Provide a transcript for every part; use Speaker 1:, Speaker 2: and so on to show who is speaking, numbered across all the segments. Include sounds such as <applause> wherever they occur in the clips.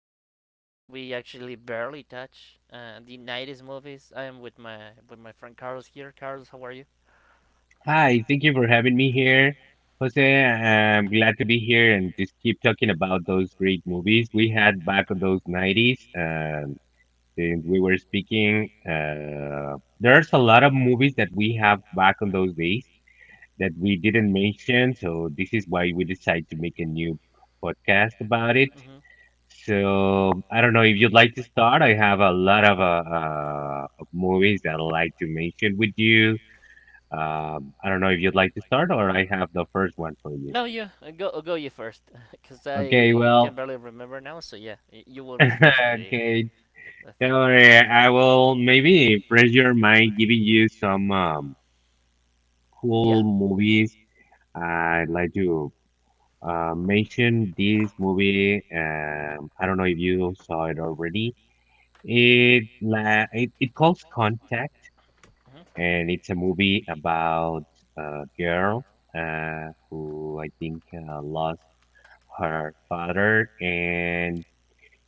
Speaker 1: topic that we actually barely touch. The '90s movies. I am with my friend Carlos here. Carlos, how are you?
Speaker 2: Hi, thank you for having me here, Jose. I'm glad to be here and just keep talking about those great movies we had back in those 90s. Since we were speaking, there's a lot of movies that we have back in those days that we didn't mention, so this is why we decided to make a new podcast about it.
Speaker 1: Hmm
Speaker 2: So I don't know if you'd like to start. I have a lot of movies that I'd like to mention with you. I don't know if you'd like to start or I have the first one for you.
Speaker 1: No, you go you first, <laughs> because
Speaker 2: Okay,
Speaker 1: I can
Speaker 2: well,
Speaker 1: barely remember now. So yeah, you will
Speaker 2: <laughs>
Speaker 1: refresh me
Speaker 2: okay,
Speaker 1: the
Speaker 2: don't
Speaker 1: thing.
Speaker 2: worry. I will maybe impress your mind giving you some
Speaker 1: Yeah.
Speaker 2: cool movies. I'd like to mention this movie. I don't know if you saw it already. It calls Contact, and it's a movie about a girl who I think lost her father, and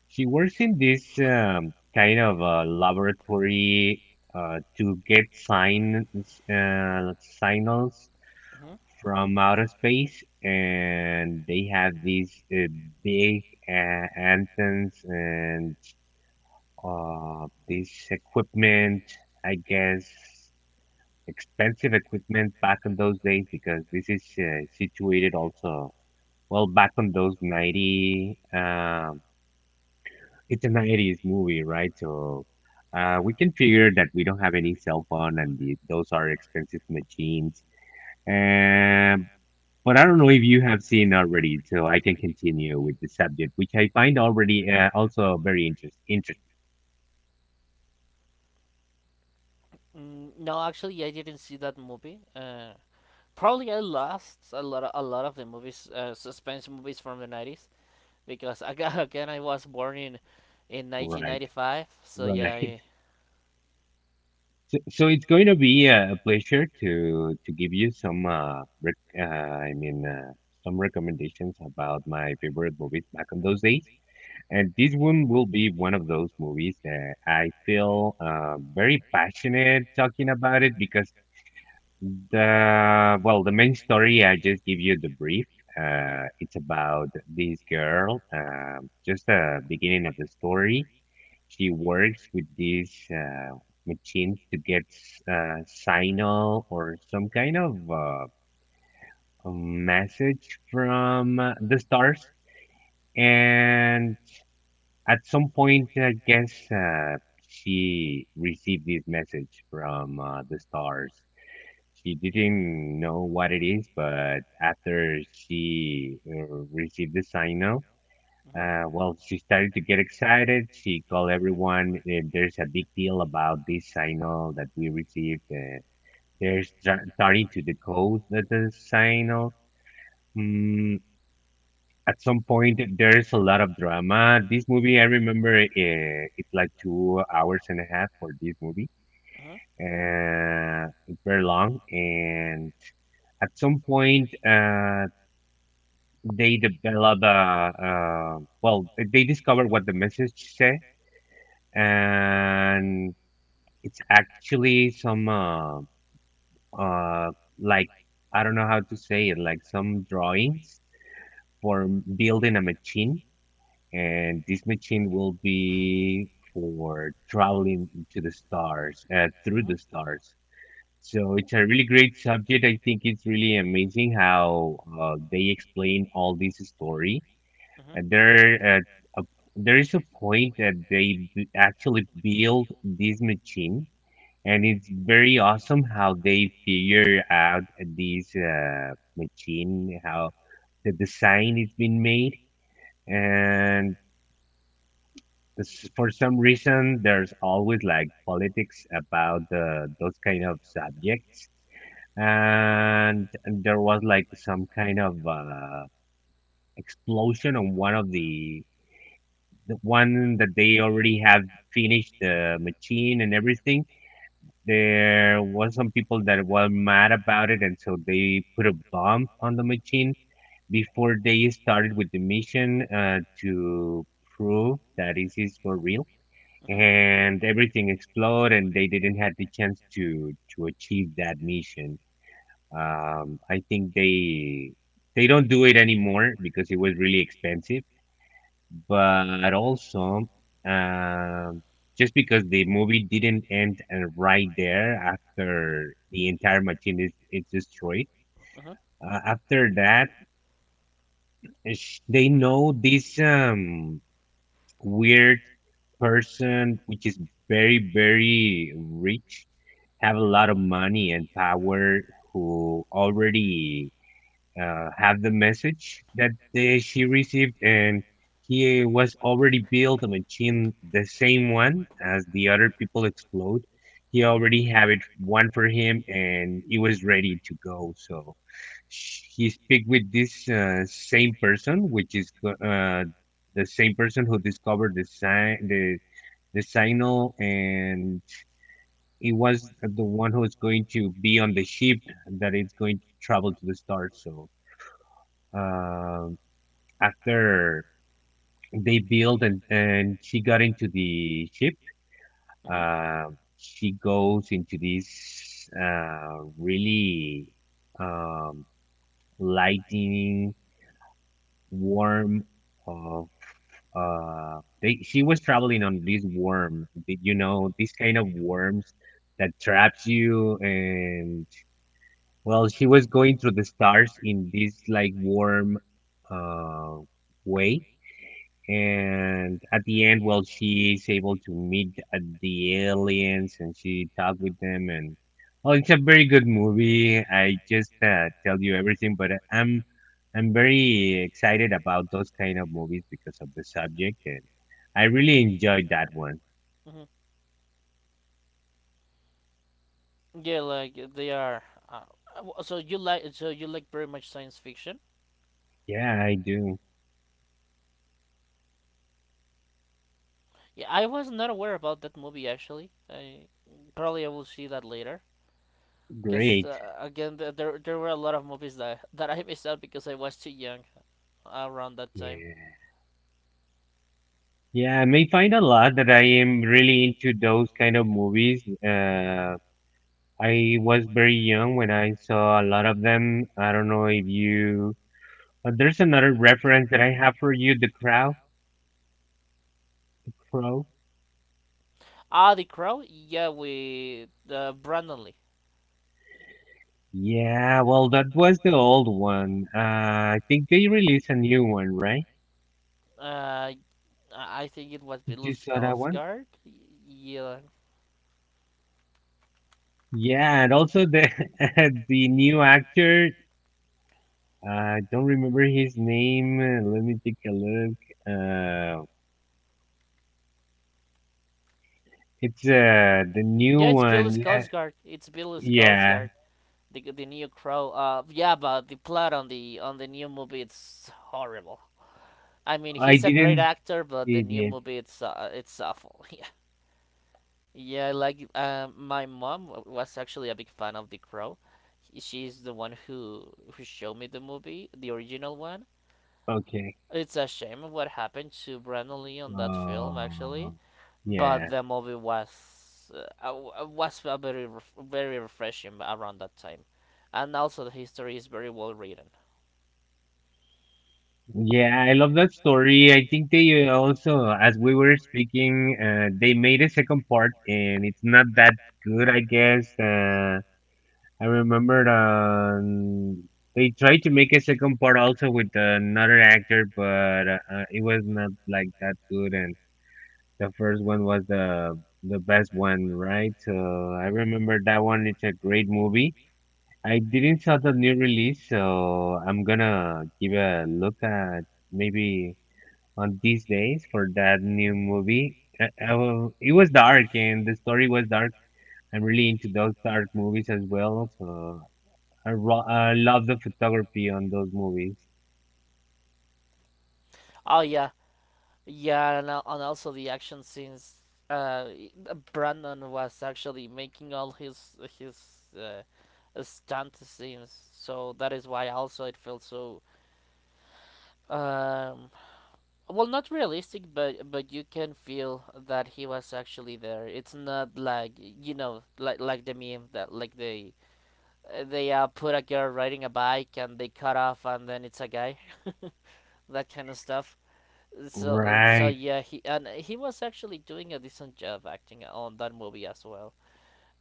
Speaker 2: she works in this kind of a laboratory to get signals
Speaker 1: hmm
Speaker 2: from outer space, and they have these big antennas and this equipment, I guess. Expensive equipment back in those days because this is situated also well back on those 90 it's an 80s movie, right? So we can figure that we don't have any cell phone and those are expensive machines. Um, but I don't know if you have seen already, so I can continue with the subject, which I find already also very interesting.
Speaker 1: No, actually, yeah, I didn't see that movie. Probably I lost a lot of the movies, suspense movies from the 90s because aga- <laughs> again I was born in
Speaker 2: Right,
Speaker 1: 1995,
Speaker 2: <laughs>
Speaker 1: so yeah,
Speaker 2: right.
Speaker 1: I,
Speaker 2: So it's going to be a pleasure to give you some some recommendations about my favorite movies back in those days. And this one will be one of those movies that I feel very passionate talking about it because the well, the main story I just give you the brief.
Speaker 1: hmm
Speaker 2: It's about this girl. Just the beginning of the story. She works with these machines to get signal or some kind of a message from the stars and at some point, I guess she received this message from the stars. She didn't know what it is, but after she received the signal, well, she started to get excited. She called everyone. And there's a big deal about this signal that we received. Starting to decode the signal. Hmm, at some point, there's a lot of drama. This movie, I remember, it's like 2 hours and a half for this movie.
Speaker 1: hmm
Speaker 2: It's very long, and at some point, uh, they well, they discover what the message said, and it's actually some, uh, like I don't know how to say it, like some drawings for building a machine and this machine will be for traveling to the stars through the
Speaker 1: hmm
Speaker 2: stars. So it's a really great subject. I think it's really amazing how they explain all this story. And a- there is a point that actually build this machine, and it's very awesome how they figure out this machine, how the design is being made. And this, for some reason, there's always like politics about those kind of subjects. And there was like some kind of explosion on one of the one that they already have finished the machine and everything. There was some people that were mad about it, and so they put a bomb on the machine before they started with the mission to prove that it is for real,
Speaker 1: hmm
Speaker 2: and everything exploded and they didn't have the chance to achieve that mission. I think they don't do it anymore because it was really expensive, but also, um just because the movie didn't end, and right there after the entire machine is destroyed.
Speaker 1: hmm
Speaker 2: Uh, after that, they know this weird person, which is very, very rich, have a lot of money and power, who already have the message that she received, and he was already built a machine, the same one as the other people explode. He
Speaker 1: Mhm.
Speaker 2: already have it one for him, and he was ready to go. So he speak with this same person, which is the same person who discovered the signal, and he was the one who is going to be on the ship that is going to travel to the stars. So um after they build and she got into the ship,
Speaker 1: So
Speaker 2: uh, she goes into this really um, lightning warm of they she was traveling on this you know this kind of worms that traps you and well, she was going through the stars in this like warm uh way. And at the end, well, she is able to meet the aliens and she talk with them, and well, it's a very good movie. I just tell you everything, but I'm very excited about those kind of movies because of the subject, and I really enjoyed that one.
Speaker 1: mm-hmm, mm-hmm. Yeah, like they are. Uh, so you like very much science fiction.
Speaker 2: Yeah, I do.
Speaker 1: Yeah, I was not aware about that movie actually. I probably I will see that later. Because
Speaker 2: Great.
Speaker 1: again, there there were a lot of movies that that I <laughs> missed out because I was too young around that time.
Speaker 2: Yeah. Yeah, I may find a lot that I am really into those kind of movies. I was very young when I saw a lot of them. I don't know if you. There's another reference that I have for you, The Crow. Crow.
Speaker 1: Ah, The Crow. Yeah, with Brandon Lee.
Speaker 2: Yeah, well, that was the old one. I think they released a new one, right?
Speaker 1: Uh, I I think it was
Speaker 2: Did
Speaker 1: Bill
Speaker 2: you saw that one?
Speaker 1: Skarsgård. Yeah.
Speaker 2: Yeah, and also the <laughs> the new actor. I don't remember his name. Let me take a look. Uh. It's the new
Speaker 1: Yeah, it's Bill
Speaker 2: one. Yeah,
Speaker 1: Skarsgård. It's Bill
Speaker 2: yeah.
Speaker 1: Skarsgård, the the new crow. Yeah, but the plot on the new movie it's horrible. I mean,
Speaker 2: I
Speaker 1: he's a great
Speaker 2: didn't
Speaker 1: actor, but the
Speaker 2: see it
Speaker 1: new
Speaker 2: yet.
Speaker 1: movie it's awful. <laughs> Yeah, yeah. Like, my mom was actually a big fan of The Crow. She's the one who showed me the movie, the original one.
Speaker 2: Okay.
Speaker 1: It's a shame what happened to Brandon Lee on that film, actually.
Speaker 2: Oh
Speaker 1: But
Speaker 2: yeah,
Speaker 1: the movie uh, was a very very refreshing around that time, and also the history is very well written.
Speaker 2: yeah. I love that story. I think they also, as we were speaking, they made a second part, and it's not that good, I guess. I remembered they tried to make a second part also with another actor, but it was not like that good. And the first one was the best one, right? I remember that one. It's a great movie. I didn't saw the new release, so I'm gonna give a look at maybe on these days for that new movie. I will, it was dark and the story was dark. I'm really into those dark movies as well. So I love the photography on those movies.
Speaker 1: Oh yeah, yeah, and also the action scenes. Uh, Brandon was actually making all his stunt scenes, so that is why also it felt so um well, not realistic, but you can feel that he was actually there. It's not like, you know, like the meme that like the they put a girl riding a bike and they cut off and then it's a guy <laughs> that kind of stuff. So so
Speaker 2: Right.
Speaker 1: yeah, he, and he was actually doing a decent job acting on that movie as well.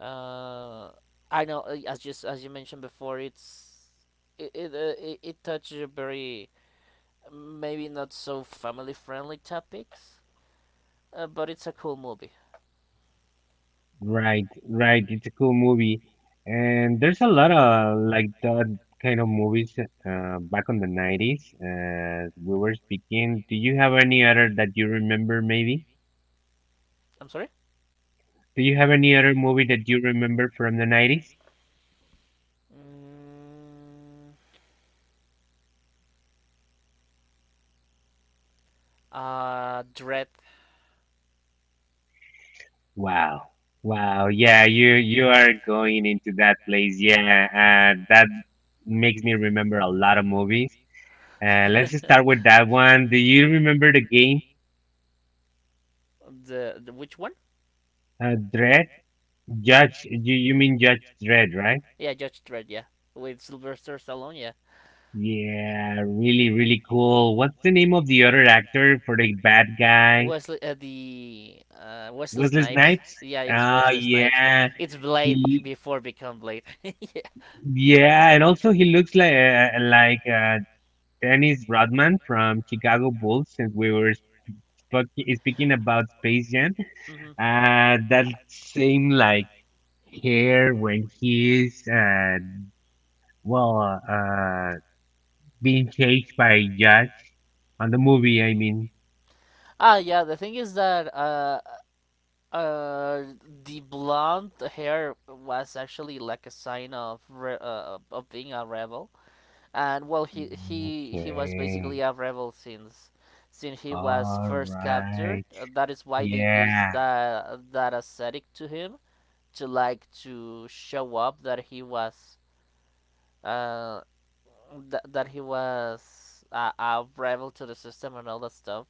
Speaker 1: Uh I know As just as you mentioned before, it's it it, it, it touches a very, maybe not so family friendly topics, but it's a cool movie.
Speaker 2: Right, right. It's a cool movie, and there's a lot of like that kind of movies back on the 90s. As we were speaking, do you have any other that you remember? Maybe
Speaker 1: I'm sorry.
Speaker 2: do you have any other movie that you remember from the 90s?
Speaker 1: Mm, uh dread.
Speaker 2: Wow, wow. Yeah, you are going into that place. Yeah, that makes me remember a lot of movies. Let's start with that one. Do you remember the game?
Speaker 1: The which one?
Speaker 2: Dread? Judge? You mean Judge Dread, right?
Speaker 1: Yeah, Judge Dredd, yeah. With Sylvester Stallone, yeah.
Speaker 2: Yeah, really, really cool. What's the name of the other actor for the bad guy?
Speaker 1: Wesley
Speaker 2: Wesley
Speaker 1: Snipes.
Speaker 2: Snipes?
Speaker 1: Yeah, it's
Speaker 2: Ah,
Speaker 1: Wesley Snipes.
Speaker 2: yeah.
Speaker 1: It's Blade
Speaker 2: He,
Speaker 1: before become Blade. <laughs> Yeah.
Speaker 2: yeah, and also he looks like Dennis Rodman from Chicago Bulls. Since we were spoke speaking about Space Jam,
Speaker 1: hmm
Speaker 2: that same like hair when he's well being chased by Josh on the movie. I mean,
Speaker 1: Ah, yeah. The thing is that uh, the blonde hair was actually like a sign of of being a rebel. And well, he was basically
Speaker 2: okay.
Speaker 1: a rebel since he was
Speaker 2: All
Speaker 1: first captured.
Speaker 2: right.
Speaker 1: That is why they used
Speaker 2: Yeah,
Speaker 1: that aesthetic to him to like to show up that he was uh that he was a rebel to the system and all that stuff.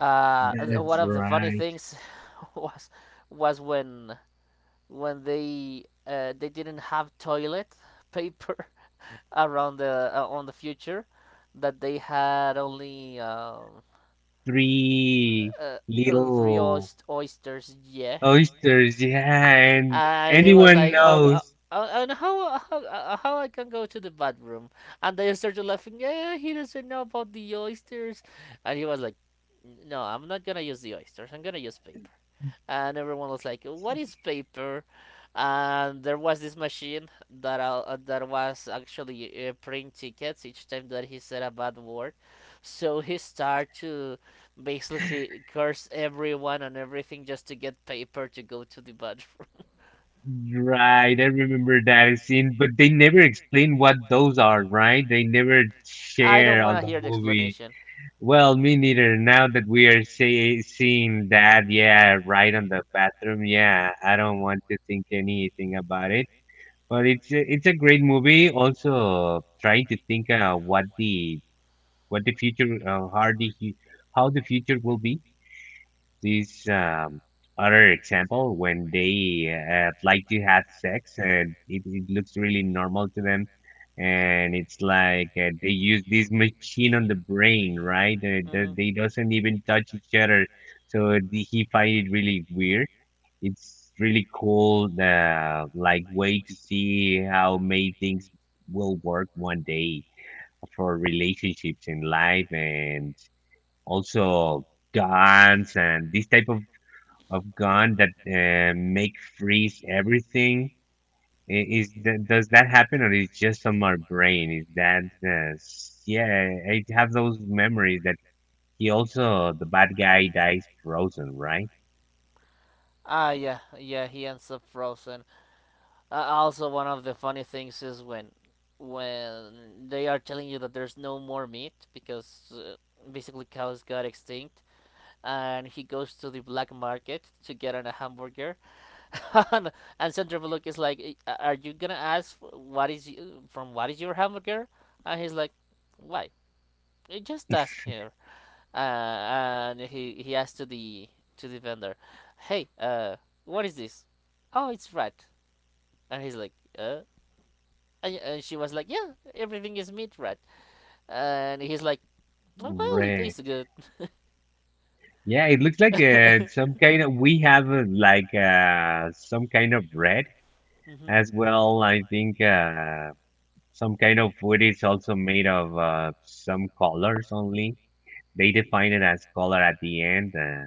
Speaker 1: One
Speaker 2: that's
Speaker 1: of the funny
Speaker 2: right.
Speaker 1: things <laughs> was was when they didn't have toilet paper <laughs> around the on the future, that they had only
Speaker 2: Three
Speaker 1: uh, three
Speaker 2: little
Speaker 1: oysters. Yeah,
Speaker 2: oysters. Yeah, and
Speaker 1: and he was
Speaker 2: anyone
Speaker 1: like, "Oh,
Speaker 2: knows.
Speaker 1: and how, how I can go to the bathroom?" And they started laughing. Yeah, he doesn't know about the oysters, and he was like, "No, I'm not gonna use the oysters. I'm gonna use paper." And everyone was like, "What is paper?" And there was this machine that that was actually printing tickets each time that he said a bad word. So he started to basically curse everyone and everything just to get paper to go to the bathroom.
Speaker 2: Right. I remember that scene, but they never explain what those are, right? They never
Speaker 1: <laughs> I don't
Speaker 2: share
Speaker 1: want
Speaker 2: on
Speaker 1: to
Speaker 2: the
Speaker 1: hear the
Speaker 2: movie.
Speaker 1: explanation.
Speaker 2: Well, me neither. Now that we are seeing that, yeah, right on the bathroom. Yeah, I don't want to think anything about it. But it's a great movie. Also, trying to think what the future how the hu- how the future will be. This other example when they like to have sex and it looks really normal to them, and it's like they use this machine on the brain, right?
Speaker 1: Mhm.
Speaker 2: They doesn't even touch each other, so he find it really weird. It's really cool, like way to see how many things will work one day for relationships in life, and also guns and this of gun that make freeze everything. Is that, does that happen or is just on my brain? Is that yeah? I have those memories that he also the bad guy dies frozen, right?
Speaker 1: Ah, yeah, yeah, he ends up frozen. Also, one of the funny things is when they are telling you that there's no more meat because basically cows got extinct, and he goes to the black market to get a hamburger. <laughs> and, and Sandra Bullock is like, "Eh, are you gonna ask what is from what is your hamburger?" And he's like, "Why? Eh, just ask her." And he asks to the vendor, "Hey, what is this?" "Oh, it's rat." And he's like, "Uh." And she was like, "Yeah, everything is meat rat." And he's like, "Oh, well, it
Speaker 2: Right.
Speaker 1: tastes good."
Speaker 2: Yeah, it looks like
Speaker 1: Yeah, it looks <laughs> like
Speaker 2: some kind of we have some
Speaker 1: some
Speaker 2: kind of
Speaker 1: kind of
Speaker 2: bread
Speaker 1: bread. <laughs>
Speaker 2: as
Speaker 1: hmm
Speaker 2: well. I think some kind of food is also made of some colors only. They define it as color at the end.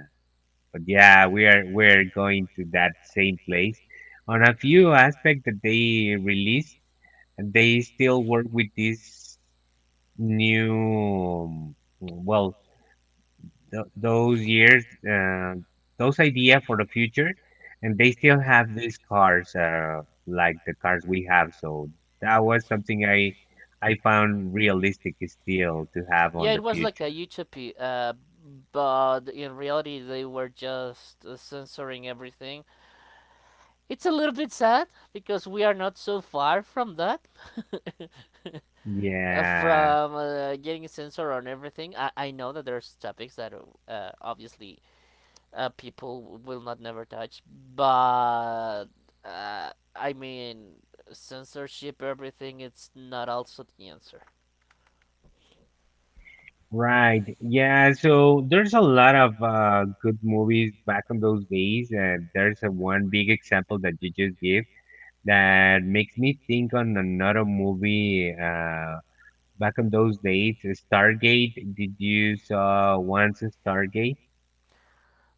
Speaker 2: But yeah, we're going to that same place. On a few aspects that they release, they still work with this new, well, th those years, uh, those idea for the future, and they still have these cars, like the cars we have. So that was something I found realistic still to have on
Speaker 1: Yeah,
Speaker 2: the
Speaker 1: it was like a
Speaker 2: future.
Speaker 1: utopia, but in reality, they were just censoring everything. It's a little bit sad because we are not so far from that, <laughs>
Speaker 2: Yeah,
Speaker 1: from getting censored on everything. I know that there's topics that obviously people will not never touch. But I mean, censorship, everything, it's not also the answer.
Speaker 2: right. Yeah, so there's a lot of good movies back in those days. There's a one big example that you just gave that makes me think on another movie. Back in those days. Stargate, did you saw once Stargate?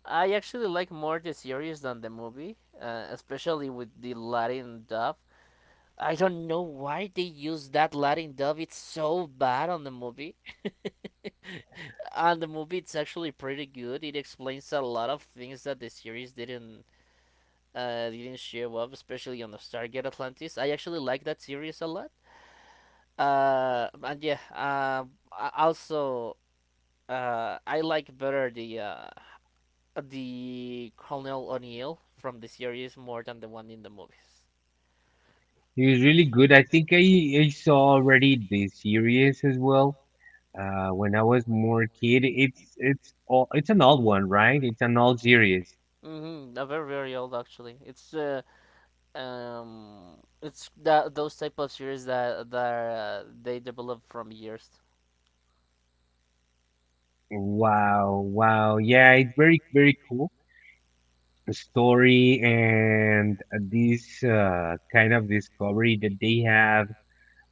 Speaker 1: I actually like more the series than the movie, especially with the Latin dub. I don't know why they use that Latin dub. It's so bad on the movie. <laughs> On the movie, it's actually pretty good. It explains a lot of things that the series didn't show up, especially on the Stargate Atlantis. I actually like that series a lot. And yeah. Also, I like better the Colonel O'Neill from the series more than the one in the movies.
Speaker 2: It was really good. I think I saw already the series as well. When I was more kid, it's an old one, right? It's an old series.
Speaker 1: Mm-hmm. They're very very old actually. It's that those type of series that that they develop from years.
Speaker 2: Wow, yeah, it's very very cool. The story and this kind of discovery that they have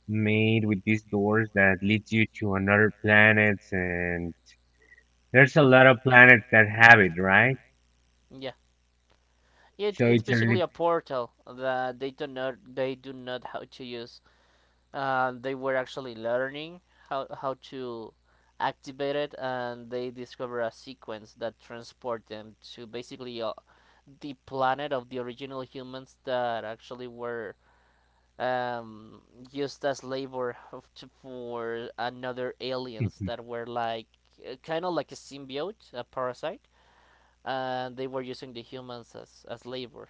Speaker 2: made with these doors that leads you to another planets. And there's a lot of planets that have it, right?
Speaker 1: Yeah, it,
Speaker 2: So
Speaker 1: it's
Speaker 2: it's a
Speaker 1: basically
Speaker 2: really
Speaker 1: a portal that they do not how to use. They were actually learning how to activate it, and they discover a sequence that transport them to basically the planet of the original humans that actually were um, used as labor for another aliens
Speaker 2: <laughs>
Speaker 1: that were like kind of like a symbiote, a parasite, and they were using the humans as labor.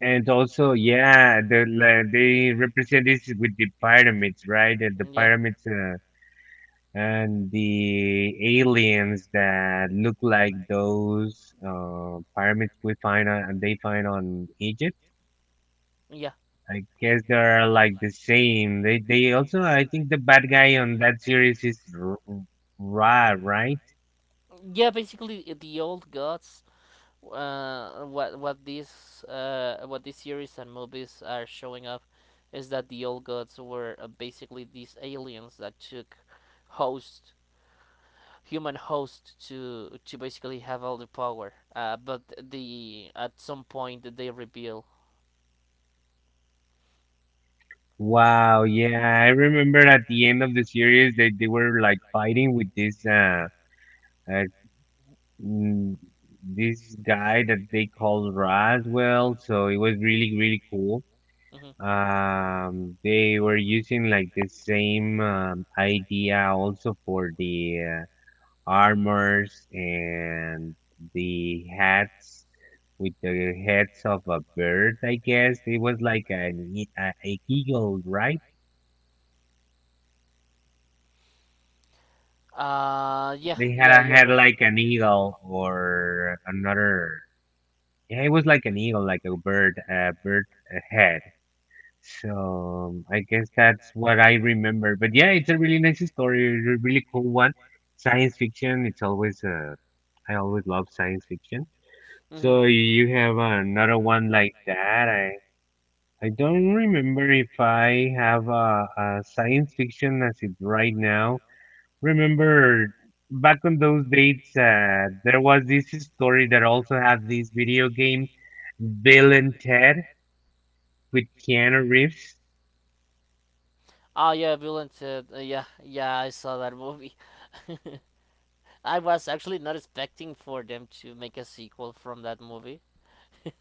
Speaker 2: and also yeah, the like, they represent this with the pyramids, right? And the pyramids and the aliens that look like those pyramids we find on, and they find on Egypt.
Speaker 1: Yeah,
Speaker 2: I guess they are like the same. They also I think the bad guy on that series is Ra, right?
Speaker 1: yeah, basically the old gods. What these series and movies are showing up is that the old gods were basically these aliens that took host human host to basically have all the power. Uh but the at some point they reveal.
Speaker 2: Wow, yeah, I remember at the end of the series that they were like fighting with this uh mm, this guy that they called Roswell, so it was really really cool.
Speaker 1: Hmm
Speaker 2: They were using like the same idea also for the armors and the hats with the heads of a bird, I guess. It was like a eagle, right?
Speaker 1: uh, yeah,
Speaker 2: They had
Speaker 1: yeah,
Speaker 2: a
Speaker 1: you're
Speaker 2: head
Speaker 1: right.
Speaker 2: like an eagle or another. Yeah, it was like an eagle, like a bird head. So I guess that's what I remember. But yeah, it's a really nice story, a really cool one. Science fiction. It's always I always love science fiction.
Speaker 1: hmm
Speaker 2: So you have another one like that. I don't remember if I have a science fiction as it right now. Remember back on those dates, there was this story that also had this video game, Bill and Ted with Keanu Reeves.
Speaker 1: Oh yeah, Villains. Yeah, yeah, I saw that movie. <laughs> I was actually not expecting for them to make a sequel from that movie. <laughs>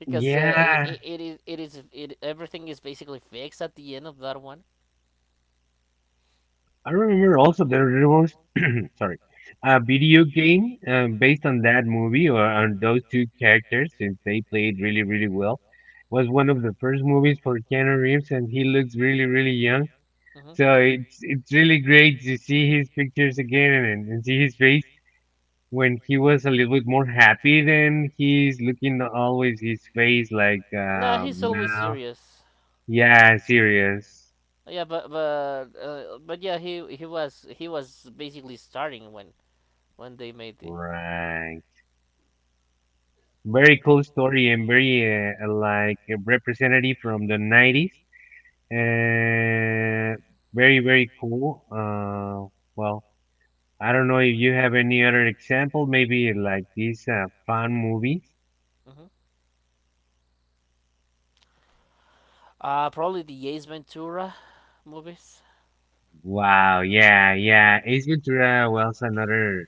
Speaker 1: Because it,
Speaker 2: Yeah,
Speaker 1: it, it is it is it everything is basically fixed at the end of that one.
Speaker 2: I remember also there was <clears throat> sorry, a video game based on that movie or on those two characters since they played really really well. Was one of the first movies for Keanu Reeves and he looks really really young. So
Speaker 1: Mm-hmm.
Speaker 2: it's really great to see his pictures again, and see his face when he was a little bit more happy, then he's looking always his face like
Speaker 1: Nah, he's always
Speaker 2: now.
Speaker 1: serious.
Speaker 2: Yeah, serious.
Speaker 1: But yeah, he was he was basically starting when they made the.
Speaker 2: Right. Very cool story and very uh, like representative from the 90s. Uh, Very very cool. Well, I don't know if you have any other example, maybe like these fun movies.
Speaker 1: hmm Probably the Ace Ventura movies.
Speaker 2: Wow, yeah, yeah. Ace Ventura was another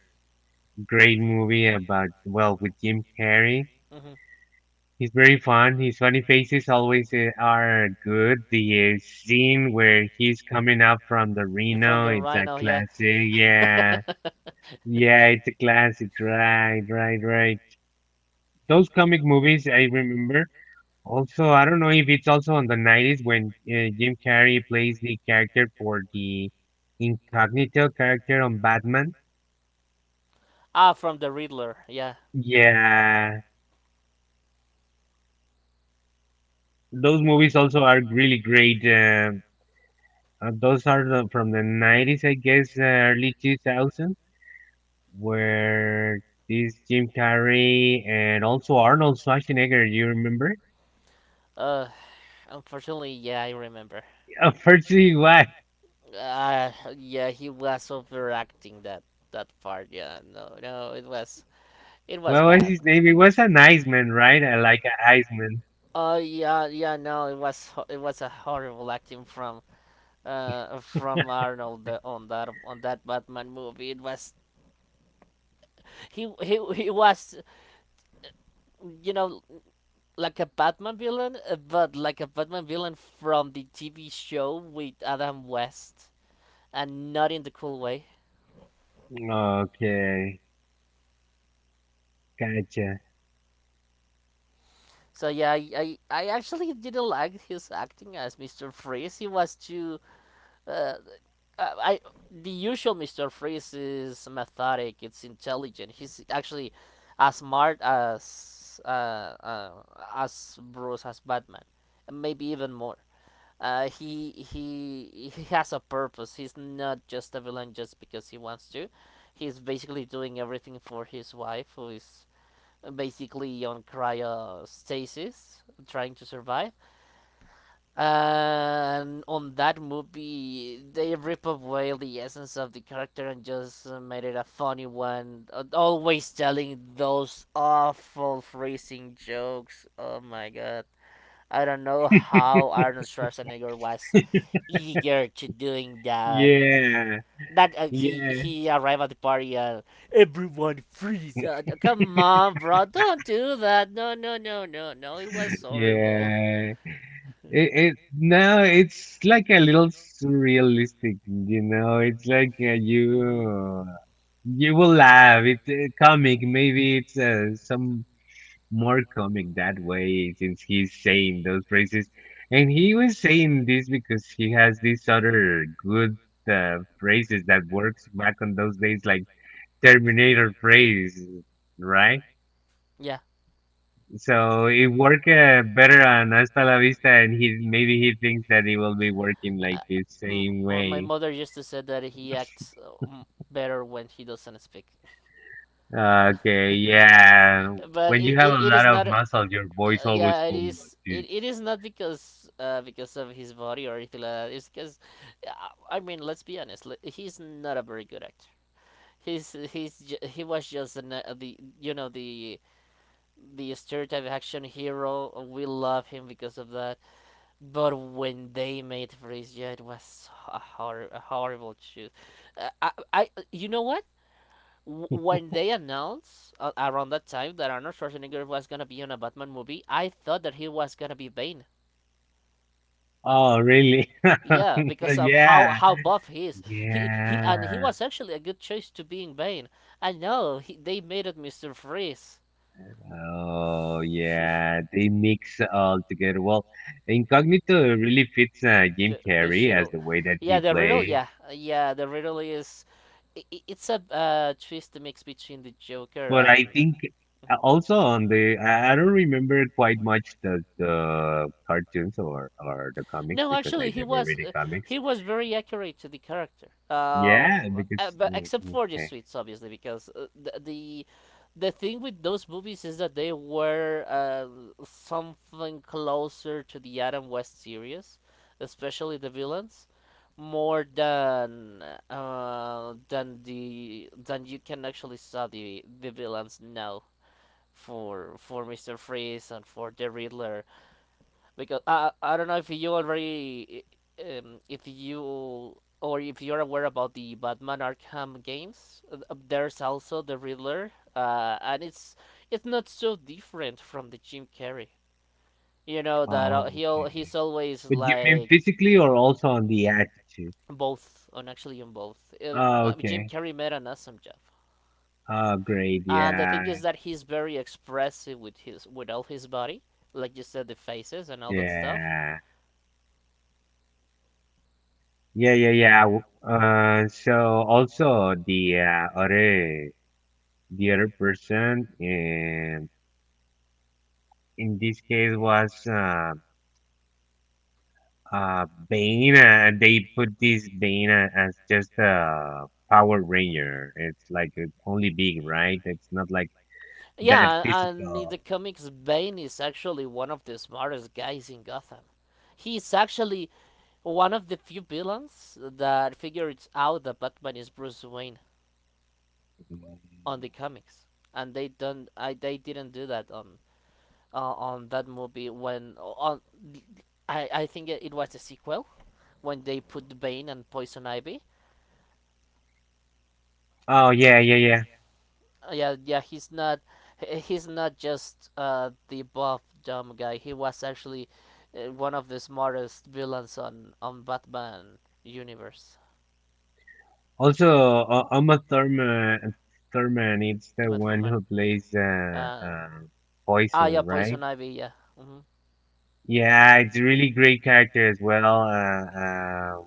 Speaker 2: great movie about, well, with Jim Carrey.
Speaker 1: Hmm
Speaker 2: He's very fun. His funny faces always are good. The scene where he's coming up from the
Speaker 1: You're From
Speaker 2: Reno,
Speaker 1: the
Speaker 2: it's a
Speaker 1: Rhino, yeah.
Speaker 2: classic. Yeah.
Speaker 1: <laughs>
Speaker 2: Yeah, it's a classic. Right, right, right. Those comic movies, I remember. Also, I don't know if it's also on the 90s when Jim Carrey plays the character for the incognito character on Batman.
Speaker 1: Ah, from the Riddler, yeah.
Speaker 2: Yeah, those movies also are really great. Those are the, from the 90s, I guess, early 2000s, where this Jim Carrey and also Arnold Schwarzenegger, you remember?
Speaker 1: Uh, unfortunately, yeah, I remember.
Speaker 2: <laughs> Unfortunately, what?
Speaker 1: Uh, yeah, he was overacting that part. Yeah, no, no, it was
Speaker 2: What was
Speaker 1: bad.
Speaker 2: his
Speaker 1: Oh,
Speaker 2: name? It was an Iceman, right? Like an Iceman.
Speaker 1: uh, yeah, yeah, no, it was a horrible acting from Arnold on that Batman movie. It was he was, you know, like a Batman villain, but like a Batman villain from the TV show with Adam West, and not in the cool way.
Speaker 2: Okay, gotcha.
Speaker 1: So yeah, I actually didn't like his acting as Mr. Freeze. He was too uh, I the usual Mr. Freeze is methodic. It's intelligent. He's actually as smart uh, as Bruce as Batman, and maybe even more. He has a purpose. He's not just a villain just because he wants to. He's basically doing everything for his wife, who is basically on cryostasis, trying to survive. And on that movie, they rip away the essence of the character and just made it a funny one. Always telling those awful phrasing jokes. Oh my god. I don't know how Arnold Schwarzenegger was eager to doing that.
Speaker 2: Yeah,
Speaker 1: That
Speaker 2: yeah,
Speaker 1: he arrived at the party and everyone freeze. Come on, bro, don't do that. No, no, no, no, no. It was so horrible.
Speaker 2: yeah. It no, it's like a little surrealistic, you know. It's like
Speaker 1: Hmm
Speaker 2: you you will laugh. It's comic. Maybe it's some more comic that way since he's saying those phrases. And he was saying this because he has these other good phrases that works back on those days, like Terminator phrase, right?
Speaker 1: Yeah.
Speaker 2: So it worked better on Hasta la Vista, and he maybe he thinks that it will be working
Speaker 1: Uh,
Speaker 2: like the
Speaker 1: M-
Speaker 2: same
Speaker 1: my
Speaker 2: way.
Speaker 1: mother used to say that he acts better when he doesn't speak.
Speaker 2: Okay,
Speaker 1: <laughs>
Speaker 2: yeah.
Speaker 1: But
Speaker 2: When you have a
Speaker 1: it
Speaker 2: lot
Speaker 1: is
Speaker 2: of
Speaker 1: not.
Speaker 2: muscle, your voice always
Speaker 1: Yeah, it
Speaker 2: comes like
Speaker 1: is. It
Speaker 2: this.
Speaker 1: is not because because of his body or anything like that. It's because, I mean, let's be honest. He's not a very good actor. He was just an, the, you know, the stereotype action hero. We love him because of that. But when they made Frisia, it was a, a horrible choice. I you know what? W- When they announced around that time that Arnold Schwarzenegger was gonna be on a Batman movie, I thought that he was gonna be Bane.
Speaker 2: Oh, really?
Speaker 1: Yeah,
Speaker 2: <laughs>
Speaker 1: because of how
Speaker 2: Yeah.
Speaker 1: how buff he is. He and he
Speaker 2: Yeah.
Speaker 1: was actually a good choice to being Bane. I know he, they made it Mister Freeze.
Speaker 2: Oh, yeah. They mix all together. Well, Incognito really fits Jim
Speaker 1: The the
Speaker 2: Carrey as
Speaker 1: riddle,
Speaker 2: the way that he played.
Speaker 1: the riddle is. It's a twist mix between the Joker
Speaker 2: But
Speaker 1: and.
Speaker 2: I think
Speaker 1: Mhm.
Speaker 2: also on the I don't remember quite much the cartoons or the comics
Speaker 1: No,
Speaker 2: because
Speaker 1: actually,
Speaker 2: I never read the comics.
Speaker 1: he was very accurate to the character,
Speaker 2: Yeah, because
Speaker 1: but
Speaker 2: mm,
Speaker 1: except for the
Speaker 2: okay.
Speaker 1: suits, obviously, because the thing with those movies is that they were something closer to the Adam West series, especially the villains, more than the than you can actually saw the villains now for Mister Freeze and for the Riddler, because I don't know if you already if you, or if you're aware about the Batman Arkham games. There's also the Riddler, and it's not so different from the Jim Carrey. You know that
Speaker 2: Oh, okay.
Speaker 1: he's always
Speaker 2: But you mean
Speaker 1: like
Speaker 2: physically or also on the attitude?
Speaker 1: both, on actually on both.
Speaker 2: Oh,
Speaker 1: I mean, Jim
Speaker 2: okay.
Speaker 1: Carrey made an awesome job. Oh,
Speaker 2: Oh, great.
Speaker 1: and the
Speaker 2: Yeah.
Speaker 1: thing is that he's very expressive with his with all his body, like you said, the faces and all that stuff.
Speaker 2: Yeah. Yeah, yeah, yeah. Also the other the other person in this case was Bane, they put this Bane as just a Power Ranger. It's like it's only big, right? It's not like that
Speaker 1: Yeah, and in
Speaker 2: physical.
Speaker 1: the comics, Bane is actually one of the smartest guys in Gotham. He's actually one of the few villains that figures out that Batman is Bruce Wayne
Speaker 2: Mm.
Speaker 1: on the comics, and they don't. I They didn't do that on that movie when on. I think it was a sequel when they put Bane and Poison Ivy.
Speaker 2: Oh yeah, yeah, yeah.
Speaker 1: Yeah, yeah, he's not, he's not just the buff dumb guy. He was actually one of the smartest villains on Batman universe.
Speaker 2: Also, uh, Thurman, it's
Speaker 1: He
Speaker 2: the
Speaker 1: met from
Speaker 2: one
Speaker 1: man.
Speaker 2: who plays
Speaker 1: Uh, yeah,
Speaker 2: Poison, right?
Speaker 1: Poison Ivy. Yeah. Mhm.
Speaker 2: Yeah, it's a really great character as well.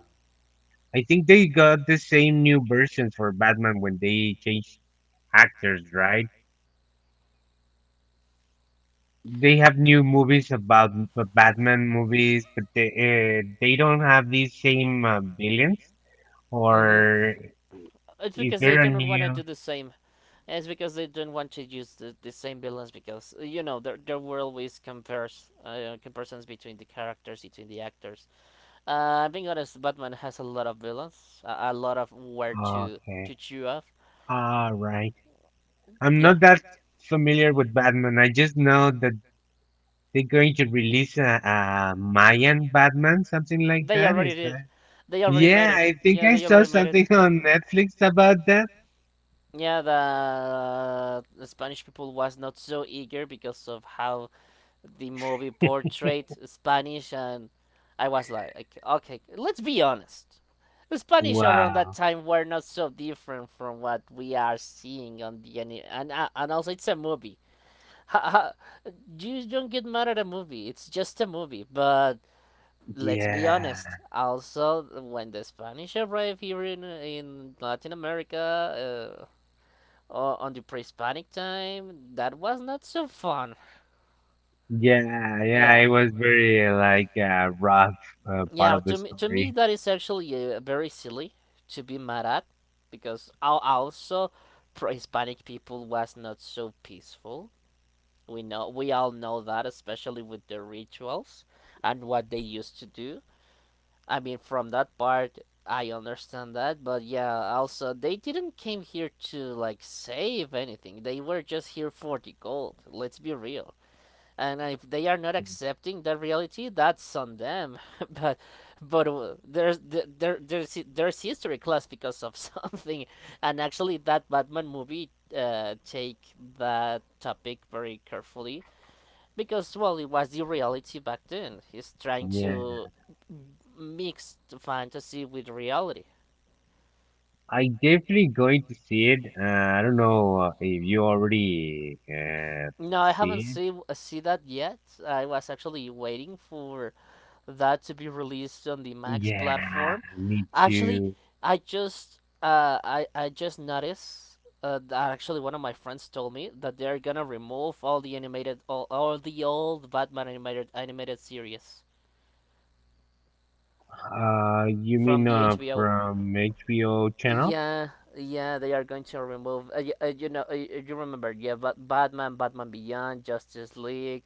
Speaker 2: I think they got the same new versions for Batman when they changed actors, right? They have new movies about the Batman movies, but they don't have these same villains.
Speaker 1: Mhm.
Speaker 2: Or
Speaker 1: It's
Speaker 2: is
Speaker 1: because they
Speaker 2: there a
Speaker 1: do not want to
Speaker 2: new?
Speaker 1: do the same. It's because they don't want to use the same villains because you know there were always compares comparisons between the characters between the actors. Being honest, Batman has a lot of villains, a lot of where
Speaker 2: Okay,
Speaker 1: to chew off.
Speaker 2: all right. I'm
Speaker 1: Yeah,
Speaker 2: not that familiar with Batman. I just know that they're going to release a Mayan Batman, something like
Speaker 1: they
Speaker 2: that.
Speaker 1: already
Speaker 2: Is
Speaker 1: did.
Speaker 2: that?
Speaker 1: They already made
Speaker 2: Yeah,
Speaker 1: it.
Speaker 2: I think
Speaker 1: Yeah,
Speaker 2: I
Speaker 1: they
Speaker 2: saw
Speaker 1: already made it.
Speaker 2: something <laughs> on Netflix about that.
Speaker 1: Yeah, the Spanish people was not so eager because of how the movie portrayed Spanish, and I was like, okay, let's be honest. The Spanish around that
Speaker 2: Wow.
Speaker 1: time were not so different from what we are seeing on the any, and also it's a movie. How, how, you don't get mad at a movie. It's just a movie. But let's be
Speaker 2: Yeah.
Speaker 1: honest. Also, when the Spanish arrived here in Latin America, uh, on the pre-Hispanic time, that was not so fun.
Speaker 2: Yeah, yeah,
Speaker 1: Yeah,
Speaker 2: it was very rough part
Speaker 1: yeah.
Speaker 2: of the
Speaker 1: To me,
Speaker 2: story.
Speaker 1: that is actually very silly to be mad at, because also pre-Hispanic people was not so peaceful. We know, we all know that, especially with the rituals and what they used to do. I mean, from that part, I understand that, but yeah, also they didn't came here to like save anything. They were just here for the gold. Let's be real. And if they are not accepting that reality, that's on them. <laughs> but but there's there there's history class because of <laughs> something, and actually that Batman movie take that topic very carefully, because well it was the reality back then. He's trying
Speaker 2: Yeah,
Speaker 1: to mix the fantasy with reality.
Speaker 2: I definitely going to see it. I don't know if you already
Speaker 1: No I haven't
Speaker 2: see it.
Speaker 1: see that yet. I was actually waiting for that to be released on the Max
Speaker 2: Yeah,
Speaker 1: platform,
Speaker 2: me
Speaker 1: actually.
Speaker 2: too.
Speaker 1: I just noticed that actually one of my friends told me that they're gonna remove all the animated all the old Batman animated series
Speaker 2: You
Speaker 1: from
Speaker 2: mean
Speaker 1: the HBO.
Speaker 2: from HBO channel?
Speaker 1: Yeah, yeah, they are going to remove. You know, you remember, yeah, but Batman, Batman Beyond, Justice League,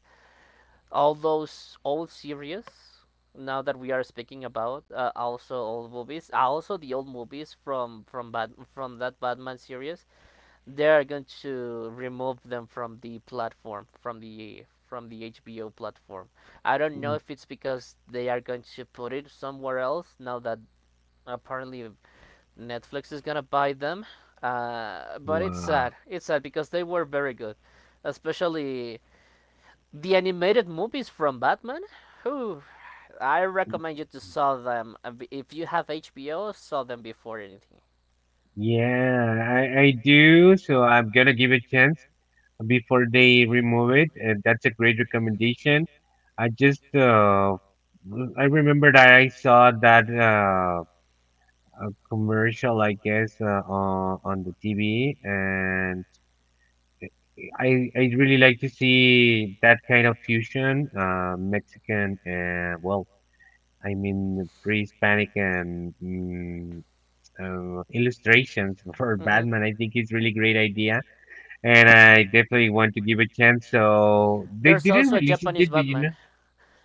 Speaker 1: all those old series. Now that we are speaking about, also old movies, also the old movies from Bat from that Batman series, they are going to remove them from the platform, from the HBO platform. I don't know if it's because they are going to put it somewhere else, now that apparently Netflix is gonna buy them. But it's
Speaker 2: Wow.
Speaker 1: sad. It's sad because they were very good, especially the animated movies from Batman. Who I recommend you to saw them if you have HBO. Saw them before anything.
Speaker 2: Yeah, I do. So I'm gonna give it a chance before they remove it. And that's a great recommendation. I just uh, I remembered I saw that a commercial, I guess, on the TV, and I really like to see that kind of fusion, Mexican and well, I mean pre-Hispanic and illustrations <laughs> for
Speaker 1: Hmm.
Speaker 2: Batman. I think it's really great idea, and I definitely want to give a chance. So they
Speaker 1: There's
Speaker 2: didn't
Speaker 1: also a
Speaker 2: release it
Speaker 1: Japanese
Speaker 2: yet, do you know?
Speaker 1: Batman.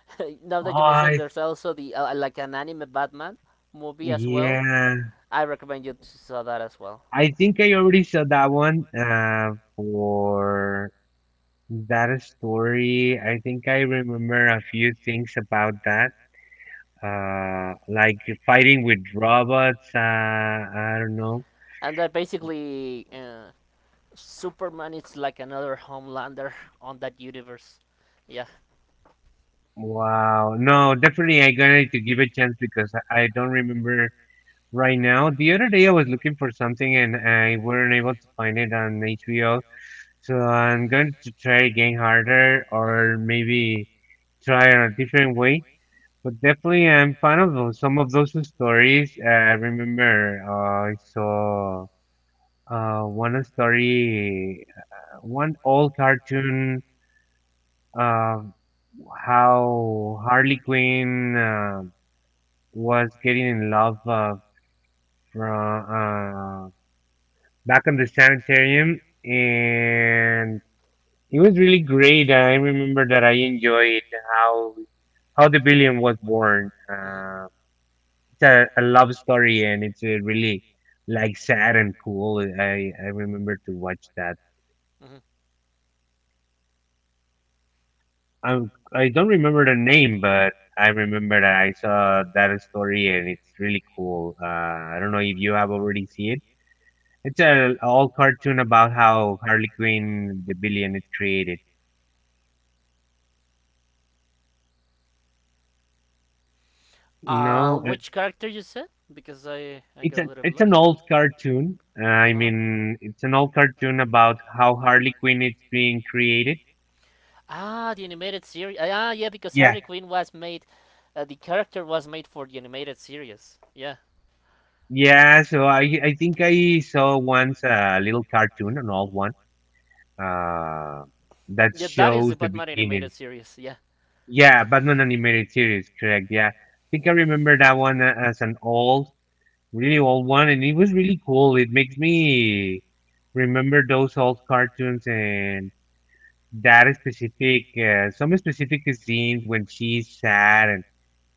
Speaker 1: <laughs> Now
Speaker 2: Oh,
Speaker 1: that you mentioned,
Speaker 2: I-
Speaker 1: there's also the like an anime Batman movie as well.
Speaker 2: yeah.
Speaker 1: I recommend you to saw that as well.
Speaker 2: I think I already saw that one for that story. I think I remember a few things about that, uh, like fighting with robots. I don't know.
Speaker 1: And that basically Superman is like another Homelander on that universe. Yeah.
Speaker 2: Wow. No, definitely I got to give a chance because I don't remember right now. The other day I was looking for something and I weren't able to find it on HBO. So I'm going to try again harder
Speaker 1: Mhm.
Speaker 2: or maybe try it a different way. But definitely, I'm fan of those, some of those stories. I remember I saw one story, one old cartoon of how Harley Quinn was getting in love from back in the sanitarium, and it was really great. I remember that I enjoyed how how the villain was born.
Speaker 1: Hmm.
Speaker 2: A love story and it's a really like sad and cool. I remember to watch that.
Speaker 1: Hmm.
Speaker 2: I I don't remember the name, but I remember that I saw that story and it's really cool. I don't know if you have already seen it. It's a all cartoon about how Harley Quinn the villain is created. No,
Speaker 1: Which character you said? Because I got a little bit
Speaker 2: it's an
Speaker 1: it's
Speaker 2: old
Speaker 1: lost.
Speaker 2: cartoon. I
Speaker 1: Uh-huh.
Speaker 2: mean, it's an old cartoon about how Harley Quinn is being created.
Speaker 1: Ah, the animated series. Ah, yeah, yeah, because
Speaker 2: Yeah,
Speaker 1: Harley Quinn was made. The character was made for the animated series. Yeah.
Speaker 2: yeah, so I think I saw once a little cartoon, an old one, uh, that
Speaker 1: Yeah, that's that is the
Speaker 2: shows the
Speaker 1: Batman animated
Speaker 2: beginning.
Speaker 1: series. Yeah.
Speaker 2: Yeah, Batman animated series, correct? Yeah, I think I remember that one as an old, really old one, and it was really cool. It makes me remember those old cartoons and that specific, some specific scenes when she's sad.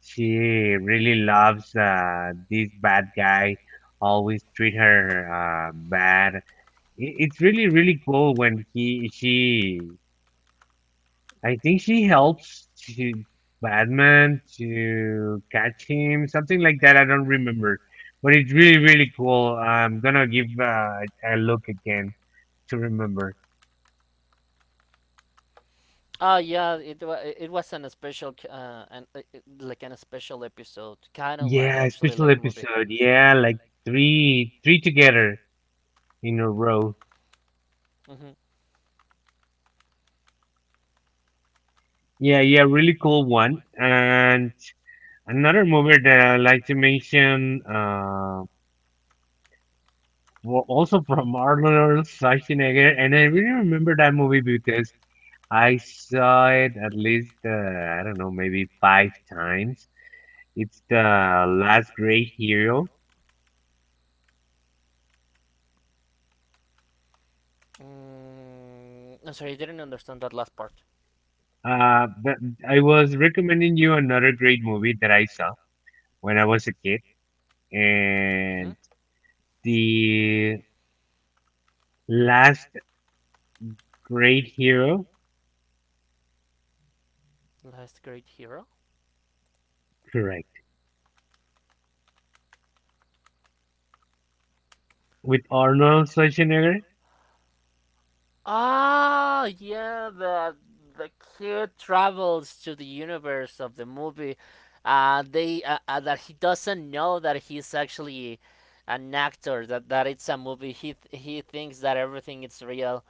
Speaker 2: She really loves this bad guy, always treat her bad. It's really, really cool when she, I think she helps to Batman to catch him, something like that. I don't remember, but it's really, really cool. I'm gonna give a look again to remember.
Speaker 1: Oh yeah, it wa- it was an a special c- an like an a special episode, kind of like
Speaker 2: Yeah,
Speaker 1: actually
Speaker 2: special
Speaker 1: like a movie.
Speaker 2: episode. Yeah, like three, three together in a row.
Speaker 1: Mhm.
Speaker 2: Yeah, yeah, really cool one. And another movie that I like to mention, also from Arnold Schwarzenegger, and I really remember that movie because I saw it at least, I don't know, maybe five times. It's The Last Great Hero.
Speaker 1: Mm, I'm sorry, I didn't understand that last part.
Speaker 2: But I was recommending you another great movie that I saw when I was a kid,
Speaker 1: Mhm.
Speaker 2: and The Last Great Hero,
Speaker 1: Last great hero.
Speaker 2: correct, with Arnold Schwarzenegger.
Speaker 1: Ah, yeah, the kid travels to the universe of the movie. They That he doesn't know that he's actually an actor. That it's a movie. He thinks that everything is real.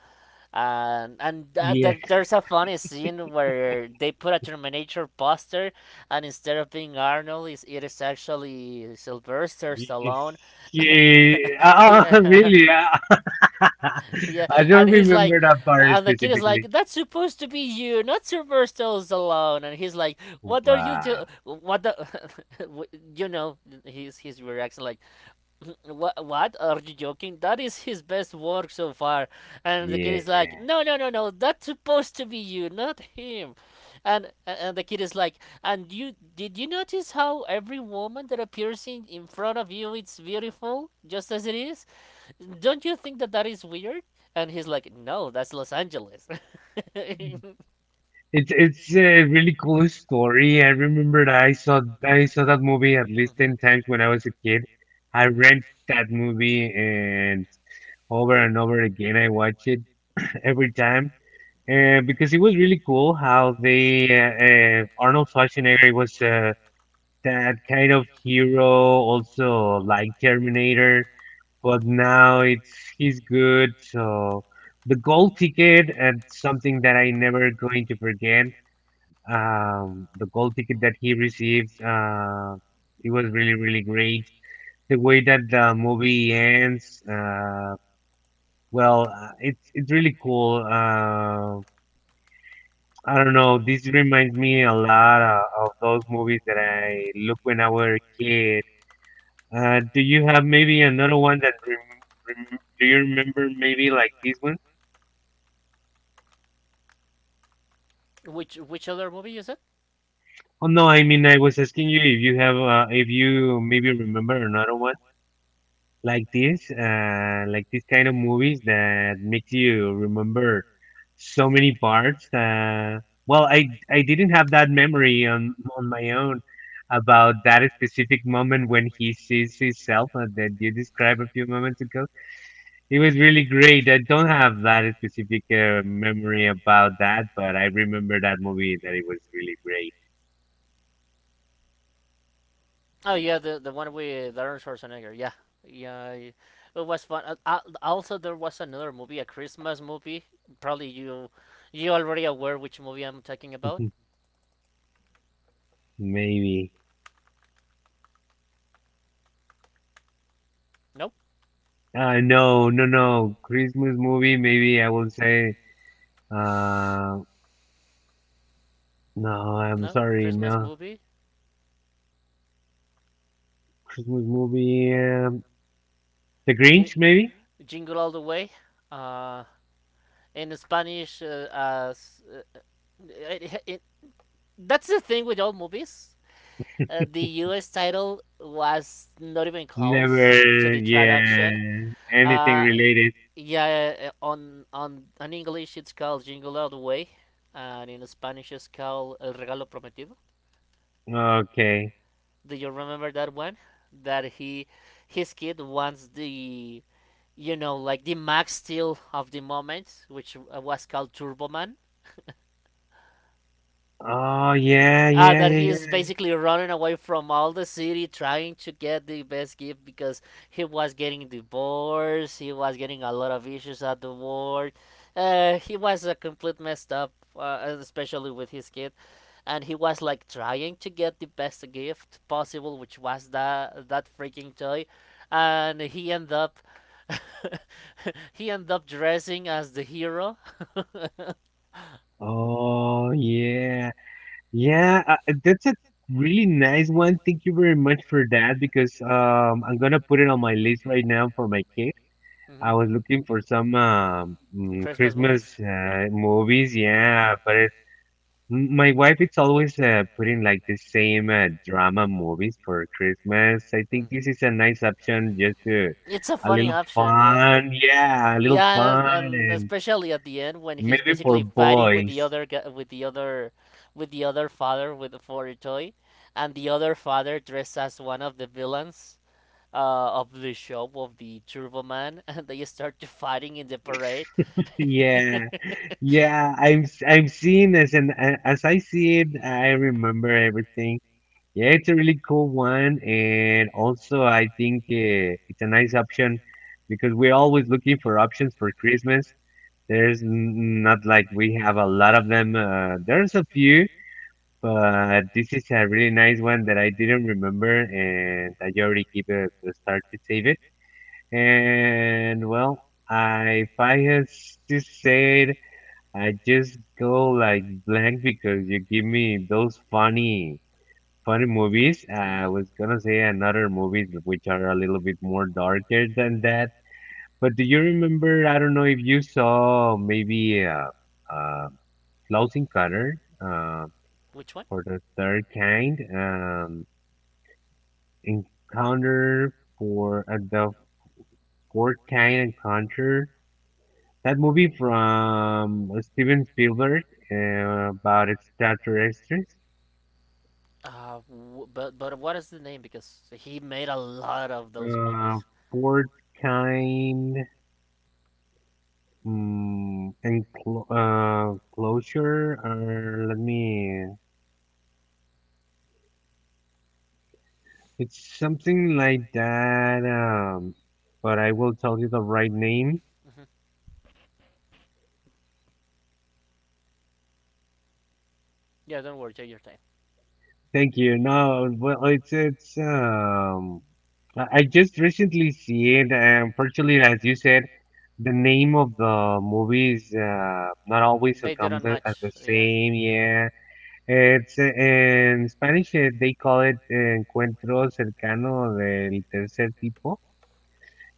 Speaker 2: Yeah.
Speaker 1: That there's a funny scene where they put a Terminator poster, and instead of being Arnold, is it is actually Sylvester Stallone. <laughs>
Speaker 2: <laughs>
Speaker 1: Yeah.
Speaker 2: Really? <laughs>
Speaker 1: Yeah,
Speaker 2: I
Speaker 1: and
Speaker 2: don't
Speaker 1: he's like,
Speaker 2: remember that part
Speaker 1: and the kid is
Speaker 2: specifically.
Speaker 1: like, "That's supposed to be you, not Sylvester Stallone." And he's like, "What are you do?
Speaker 2: Wow.
Speaker 1: What the? <laughs> w- you know?" He's reacting like, <laughs> what are you joking, that is his best work so far. And the kid is like,
Speaker 2: Yeah.
Speaker 1: no, no, no, no, that's supposed to be you, not him. And the kid is like, and you did you notice how every woman that appears in front of you it's beautiful just as it is, don't you think that that is weird? And he's like, no, that's Los Angeles. <laughs>
Speaker 2: It's a really cool story. I remember that I saw that movie at least
Speaker 1: Mhm.
Speaker 2: 10 times when I was a kid. I rent that movie and over again I watch it <laughs> every time. Because it was really cool how they Arnold Schwarzenegger was that kind of hero, also like Terminator, but now it's he's good. So the gold ticket and something that I never going to forget. The gold ticket that he received, it was really really great. The way that the movie ends,
Speaker 1: Mhm.
Speaker 2: well, it's really cool. I don't know. This reminds me a lot of those movies that I look when I were a kid. Do you have maybe another one that rem rem do you remember maybe like this one?
Speaker 1: Which other movie is it?
Speaker 2: Oh no, I mean I was asking you if you have if you maybe remember another one like this kind of movies that makes you remember so many parts. Well, I didn't have that memory on my own about that specific moment when he sees himself, that you described a few moments ago. It was really great. I don't have that specific memory about that, but I remember that movie that it was really great.
Speaker 1: Oh yeah, the one with Arnold Schwarzenegger. Yeah, yeah, it was fun. Also, there was another movie, a Christmas movie. Probably you already aware which movie I'm talking about.
Speaker 2: <laughs> Maybe.
Speaker 1: Nope,
Speaker 2: No, no, no. Christmas movie, maybe I will say. Uh, no, I'm
Speaker 1: no
Speaker 2: sorry.
Speaker 1: Christmas
Speaker 2: No.
Speaker 1: movie.
Speaker 2: Christmas movie. The Grinch, maybe?
Speaker 1: Jingle all the way. Uh, in Spanish, it, it, that's the thing with all movies. The US title was not even
Speaker 2: Never.
Speaker 1: close to the traduction.
Speaker 2: Yeah. Anything
Speaker 1: Uh,
Speaker 2: related.
Speaker 1: yeah, on English it's called Jingle All the Way, and in Spanish it's called El Regalo Prometido.
Speaker 2: Okay.
Speaker 1: Do you remember that one? That he his kid wants the, you know, like the Max Steel of the moment, which was called Turbo Man.
Speaker 2: Oh, yeah, yeah,
Speaker 1: That he
Speaker 2: yeah,
Speaker 1: is
Speaker 2: yeah.
Speaker 1: basically running away from all the city trying to get the best gift, because he was getting divorced, he was getting a lot of issues at the work. He was a complete messed up, especially with his kid, and he was like trying to get the best gift possible, which was that freaking toy. And he ended up <laughs> he ended up dressing as the hero.
Speaker 2: Oh, yeah. Yeah, that's a really nice one. Thank you very much for that because I'm gonna put it on my list right now for my kid.
Speaker 1: Hmm.
Speaker 2: I was looking for some
Speaker 1: Christmas
Speaker 2: Christmas
Speaker 1: movies.
Speaker 2: movies, yeah, but it, my wife it's always putting like the same drama movies for Christmas. I
Speaker 1: Mm.
Speaker 2: think this is a nice option just to
Speaker 1: It's a
Speaker 2: a
Speaker 1: funny
Speaker 2: little
Speaker 1: option, yeah.
Speaker 2: fun, yeah, a little
Speaker 1: Yeah,
Speaker 2: fun,
Speaker 1: and
Speaker 2: and
Speaker 1: especially at the end when he's
Speaker 2: maybe for
Speaker 1: basically fighting with the
Speaker 2: boys. <laughs>
Speaker 1: other with the other father with the for a toy, and the other father dressed as one of the villains of the show of the Turbo Man, <laughs> and they start to fighting in the parade. <laughs>
Speaker 2: Yeah. Yeah, I'm seeing this, and as I see it, I remember everything. Yeah, it's a really cool one, and also I think it's a nice option because we're always looking for options for Christmas. There's not like we have a lot of them. There's a few, but this is a really nice one that I didn't remember, and I already keep it to start to save it. And well, I if I has to say it. I just go like blank because you give me those funny, funny movies. I
Speaker 1: Mm.
Speaker 2: was gonna say another movies which are a little bit
Speaker 1: Which
Speaker 2: more darker than that. But do you remember? I don't know if you saw maybe uh, Close Encounter uh,
Speaker 1: one?
Speaker 2: for the Third Kind, Encounter for the Fourth Kind Encounter. That movie from Steven Spielberg, about extraterrestrials.
Speaker 1: But what is the name? Because he made a lot of those
Speaker 2: Uh,
Speaker 1: movies.
Speaker 2: Fourth kind, closure, or let me. It's something like that. But I will tell you the right name.
Speaker 1: Hmm. Yeah, don't worry, take your time.
Speaker 2: Thank you. No, well, it's. I just recently see it, and unfortunately, as you said, the name of the movies, not always
Speaker 1: They
Speaker 2: comes
Speaker 1: didn't
Speaker 2: as the
Speaker 1: match. Yeah.
Speaker 2: same. Yeah. It's, en Spanish, they call it, Encuentro Cercano del Tercer Tipo,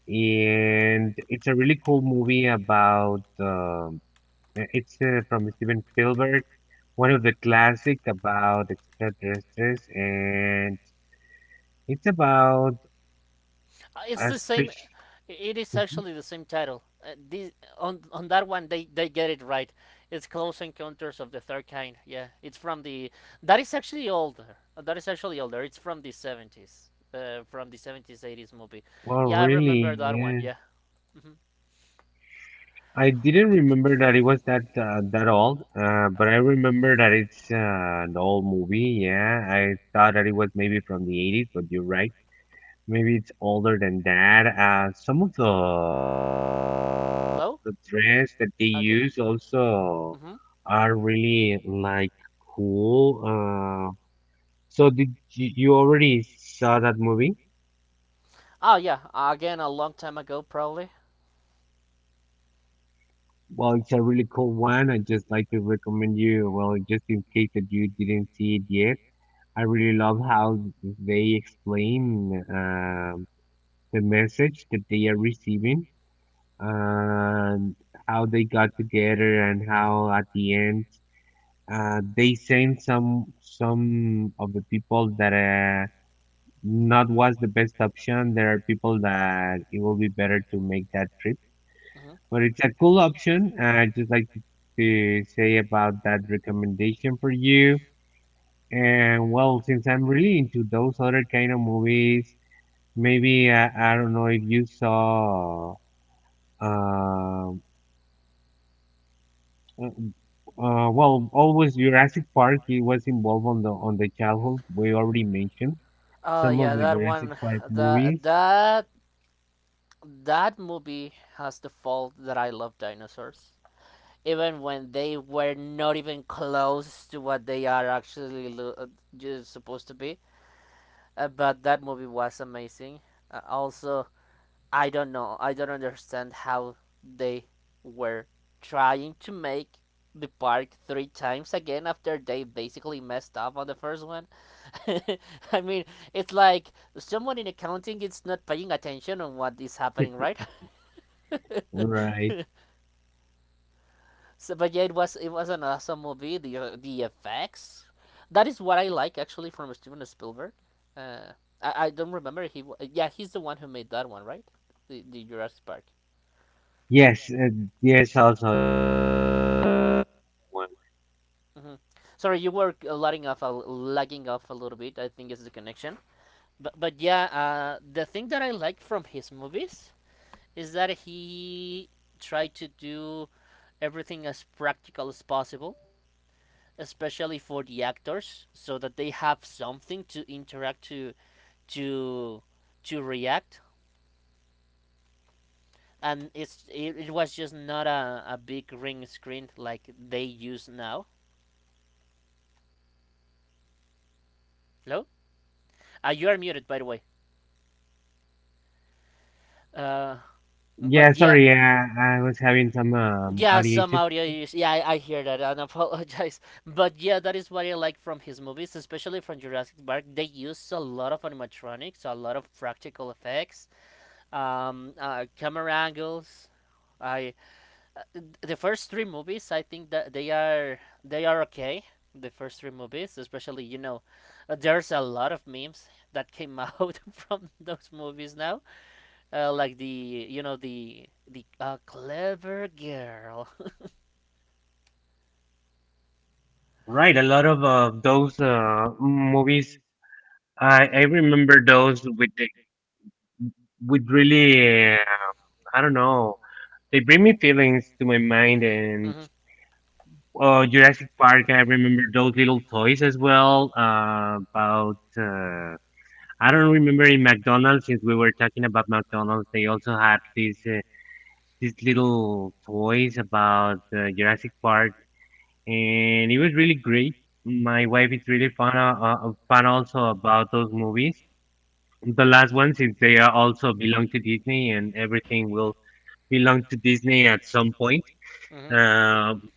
Speaker 2: and it's a really cool movie about, eh, it's from Steven Spielberg, one of the classic about extraterrestrials, and it's about
Speaker 1: It's
Speaker 2: a
Speaker 1: the same.
Speaker 2: species.
Speaker 1: It is actually the same title. On that one, they get it right. It's Close Encounters of the Third Kind. Yeah, it's from the. That is actually older. That is actually older. It's from the 70s. From the 70s, 80s movie.
Speaker 2: Oh, <laughs>
Speaker 1: Yeah, I remember
Speaker 2: really?
Speaker 1: that one.
Speaker 2: Yeah.
Speaker 1: Yeah. Hmm.
Speaker 2: I didn't remember that it was that that old, but I remember that it's an old movie. Yeah, I thought that it was maybe from the 80s, but you're right. Maybe it's older than that. Some of the
Speaker 1: Hello?
Speaker 2: the dress that they
Speaker 1: Okay.
Speaker 2: use also
Speaker 1: Mm-hmm.
Speaker 2: are really like cool. Uh, so did you already saw that movie?
Speaker 1: Oh yeah, again a long time ago probably.
Speaker 2: Well, it's a really cool one. I just like to recommend you. Well, just in case that you didn't see it yet. I really love how they explain, the message that they are receiving, and how they got together, and how at the end they sent some of the people that, not was the best option. There are people that it will be better to make that trip,
Speaker 1: Mm-hmm.
Speaker 2: but it's a cool option. I just like to say about that recommendation for you. And well, since I'm really into those other kind of movies, maybe I don't know if you saw. um, Uh, well, always Jurassic Park. It was involved on the childhood. We already mentioned
Speaker 1: Oh
Speaker 2: some of
Speaker 1: yeah,
Speaker 2: the
Speaker 1: that
Speaker 2: Jurassic
Speaker 1: one,
Speaker 2: Park
Speaker 1: the
Speaker 2: movies,
Speaker 1: that movie has the fault that I love dinosaurs, even when they were not even close to what they are actually just supposed to be. But that movie was amazing. Also, I don't know. I don't understand how they were trying to make the park three times again after they basically messed up on the first one. <laughs> I mean, it's like someone in accounting is not paying attention on what is happening, right? <laughs>
Speaker 2: right?
Speaker 1: But yeah, it was an awesome movie. The effects, that is what I like actually from Steven Spielberg. Uh, I don't remember yeah, he's the one who made that one, right? The Jurassic Park.
Speaker 2: Yes, yes, also
Speaker 1: Mm-hmm.
Speaker 2: one.
Speaker 1: Mm-hmm. Sorry, you were lagging off a little bit. I think it's the connection. But yeah, the thing that I like from his movies is that he tried to do everything as practical as possible, especially for the actors, so that they have something to interact to to react. And it was just not a big ring screen like they use now. Hello, you are muted by the way. Uh,
Speaker 2: Yeah,
Speaker 1: But yeah,
Speaker 2: sorry, I was having some
Speaker 1: yeah,
Speaker 2: audio
Speaker 1: some
Speaker 2: issues.
Speaker 1: audio issues. Yeah, I hear that and apologize. <laughs> But yeah, that is what I like from his movies, especially from Jurassic Park. They use a lot of animatronics, a lot of practical effects, camera angles. I the first three movies, I think that they are okay. The first three movies, especially you know, there's a lot of memes that came out <laughs> from those movies now like the you know the clever girl. <laughs>
Speaker 2: Right, a lot of those movies. I remember those with really. I don't know. They bring me feelings to my mind, and
Speaker 1: Hmm.
Speaker 2: oh, Jurassic Park. I remember those little toys as well. About I don't remember in McDonald's since we were talking about McDonald's. They also had these little toys about Jurassic Park, and it was really great. My wife is really fun also about those movies. The last one since they are also belong to Disney, and everything will belong to Disney at some point.
Speaker 1: Hmm.
Speaker 2: Um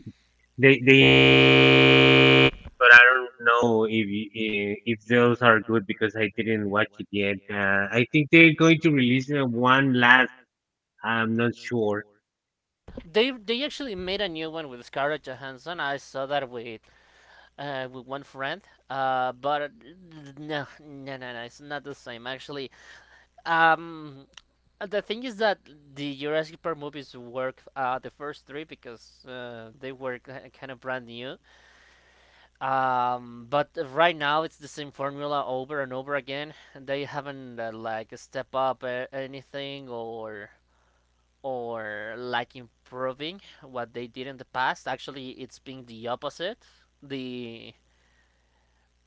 Speaker 2: They but I don't know if if those are good because I didn't watch it yet. I think they're going to release one last. I'm not sure.
Speaker 1: They actually made a new one with Scarlett Johansson. I saw that with one friend. But <laughs> no, no, no, no, it's not the same. Actually, um, the thing is that the Jurassic Park movies work. The first three because they were kind of brand new. But right now it's the same formula over and over again. They haven't like step up anything or like improving what they did in the past. Actually, it's been the opposite. The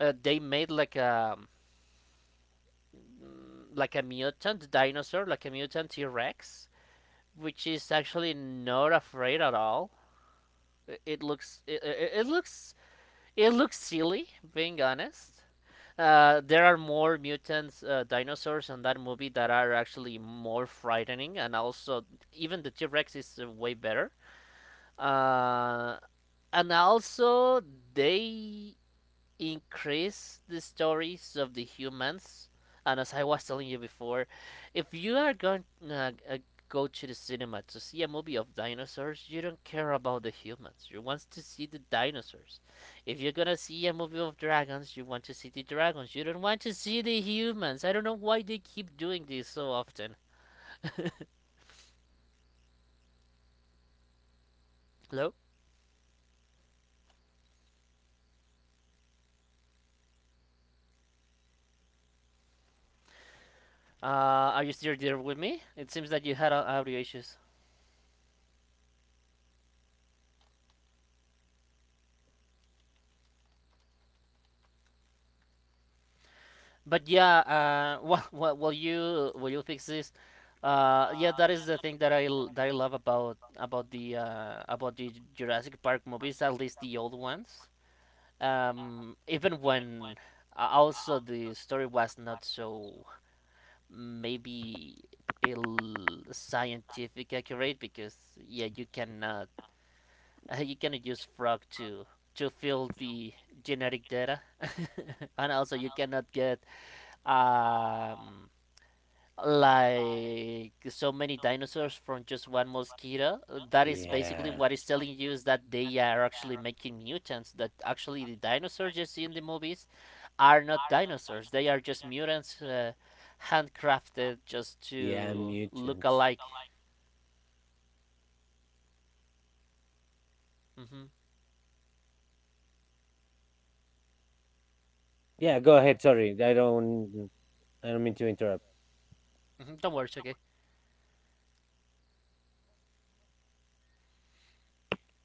Speaker 1: they made like a mutant dinosaur, like a mutant T Rex, which is actually not afraid at all. It looks it it looks it looks silly, being honest. There are more mutants, dinosaurs in that movie that are actually more frightening, and also even the T Rex is way better. Uh, and also they increase the stories of the humans. And as I was telling you before, if you are going go to the cinema to see a movie of dinosaurs, you don't care about the humans. You want to see the dinosaurs. If you're gonna see a movie of dragons, you want to see the dragons. You don't want to see the humans. I don't know why they keep doing this so often. Hello? Uh, are you still there with me? It seems that you had audio issues. But yeah, <laughs> well, well, will you fix this? Yeah, that is the thing that that I love about the Jurassic Park movies, at least the old ones. Even when also the story was not so maybe ill scientific accurate because yeah, you cannot <laughs> you cannot use frog to fill the genetic data, <laughs> and also you cannot get um like so many dinosaurs from just one mosquito. That is basically
Speaker 2: Yeah.
Speaker 1: what is telling you is that they are actually making mutants that actually the dinosaurs you see in the movies are not dinosaurs, they are just mutants, handcrafted just
Speaker 2: Yeah,
Speaker 1: to look
Speaker 2: mutants.
Speaker 1: alike. Mm-hmm.
Speaker 2: Yeah, go, yeah, ahead. Sorry, I don't mean to interrupt.
Speaker 1: Hmm, don't worry, it's okay.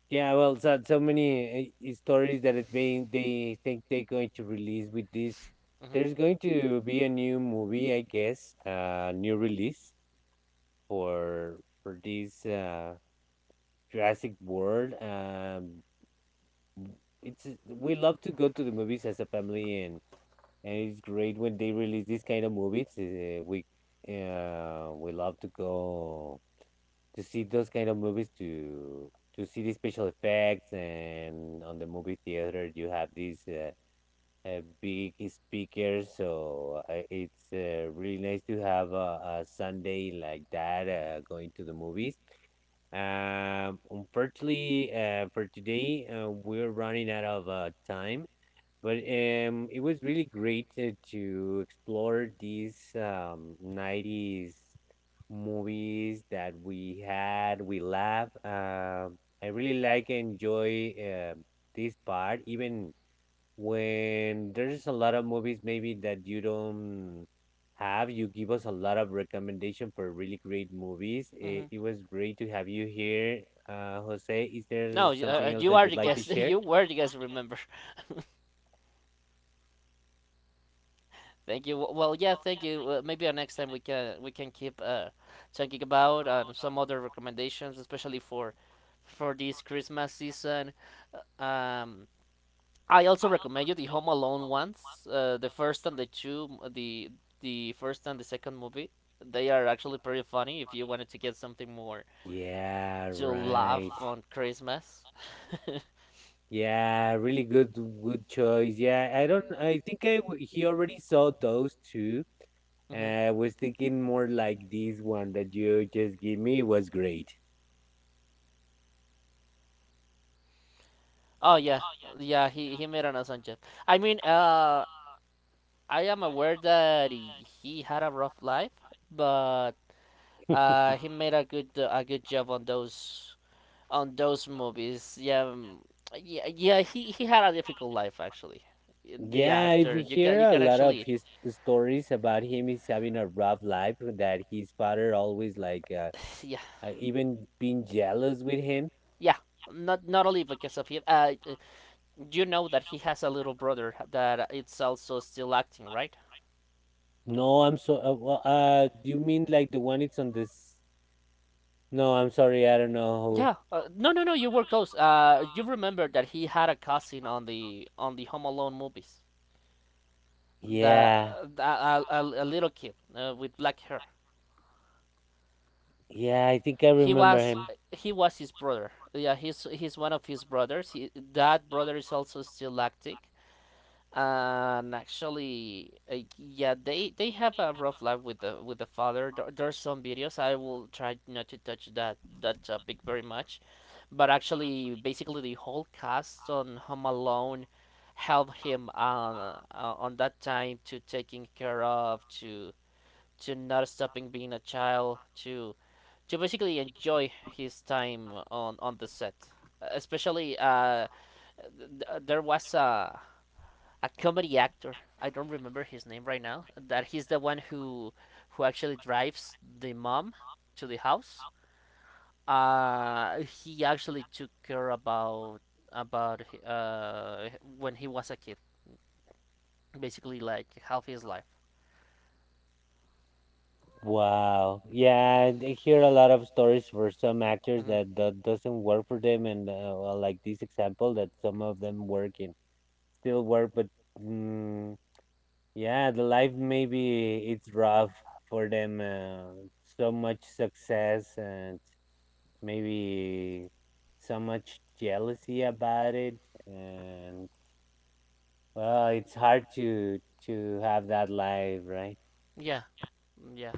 Speaker 2: Yeah, well, so many stories that it being they think they're going to release with this.
Speaker 1: Mm-hmm.
Speaker 2: There's going to be a new movie, I guess, new release for this Jurassic World. It's We love to go to the movies as a family, and it's great when they release these kind of movies. We love to go to see those kind of movies, to see the special effects, and on the movie theater you have these big speakers, so it's really nice to have a Sunday like that, going to the movies. Unfortunately, for today, we're running out of time. But it was really great to explore these 90s movies that we had. We laugh. I really like and enjoy, this part, even when there's a lot of movies maybe that you don't have. You give us a lot of recommendation for really great movies. It,
Speaker 1: Mm-hmm.
Speaker 2: it was great to have you here, Jose. Is there
Speaker 1: No,
Speaker 2: something else
Speaker 1: you
Speaker 2: that
Speaker 1: are
Speaker 2: you'd
Speaker 1: the
Speaker 2: like to
Speaker 1: guest. <laughs>
Speaker 2: share?
Speaker 1: You were the guest. Remember. <laughs> Thank you. Well, yeah, thank you. Maybe next time we can keep talking about some other recommendations, especially for this Christmas season. Uh, Um, I also recommend you the Home Alone ones, the first and the two, the first and the second movie. They are actually pretty funny if you wanted to get something more
Speaker 2: Yeah,
Speaker 1: to
Speaker 2: right.
Speaker 1: laugh on Christmas. <laughs>
Speaker 2: Yeah, really good choice. Yeah, I don't I think he already saw those two.
Speaker 1: Mhm.
Speaker 2: I was thinking more like this one that you just give me was great.
Speaker 1: Oh yeah, yeah. He made an awesome job. I mean, I am aware that he had a rough life, but he made a good job on those movies. Yeah, yeah, yeah. He had a difficult life actually. The
Speaker 2: Yeah, if
Speaker 1: actor,
Speaker 2: you hear
Speaker 1: you
Speaker 2: a
Speaker 1: can
Speaker 2: lot of
Speaker 1: actually,
Speaker 2: his stories about him, he's having a rough life. That his father always like
Speaker 1: <sighs> yeah,
Speaker 2: even being jealous with him.
Speaker 1: yeah. Not not only because of him. You know that he has a little brother that it's also still acting, right?
Speaker 2: No, I'm so. Well, do you mean like the one it's on this? No, I'm sorry. I don't know.
Speaker 1: Yeah. No, no, no. You were close. You remember that he had a cousin on the Home Alone movies. The,
Speaker 2: Yeah.
Speaker 1: the a little kid with black hair.
Speaker 2: Yeah, I think I
Speaker 1: He
Speaker 2: remember
Speaker 1: was
Speaker 2: him.
Speaker 1: he was his brother. Yeah, he's one of his brothers. That brother is also still active. And actually, yeah, they have a rough life with the father. There's some videos. I will try not to touch that topic very much. But actually, basically, the whole cast on Home Alone helped him on that time to taking care of to not stopping being a child to basically enjoy his time on the set. Especially, th- there was a comedy actor. I don't remember his name right now. That he's the one who actually drives the mom to the house, he actually took care about when he was a kid, basically like half his life.
Speaker 2: Wow. Yeah, I hear a lot of stories for some actors
Speaker 1: Mhm.
Speaker 2: that do doesn't work for them, and well, like this example that some of them work in still work, but mm, yeah, the life maybe it's rough for them. So much success and maybe so much jealousy about it, and well, it's hard to have that life, right?
Speaker 1: Yeah, mm, yeah,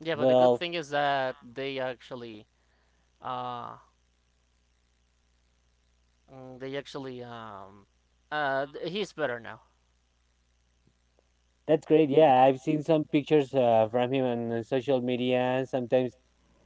Speaker 1: yeah. But the good
Speaker 2: Well.
Speaker 1: thing is that they actually, uh, they actually, he's better now.
Speaker 2: That's great. Yeah, I've seen some pictures from him on social media. Sometimes,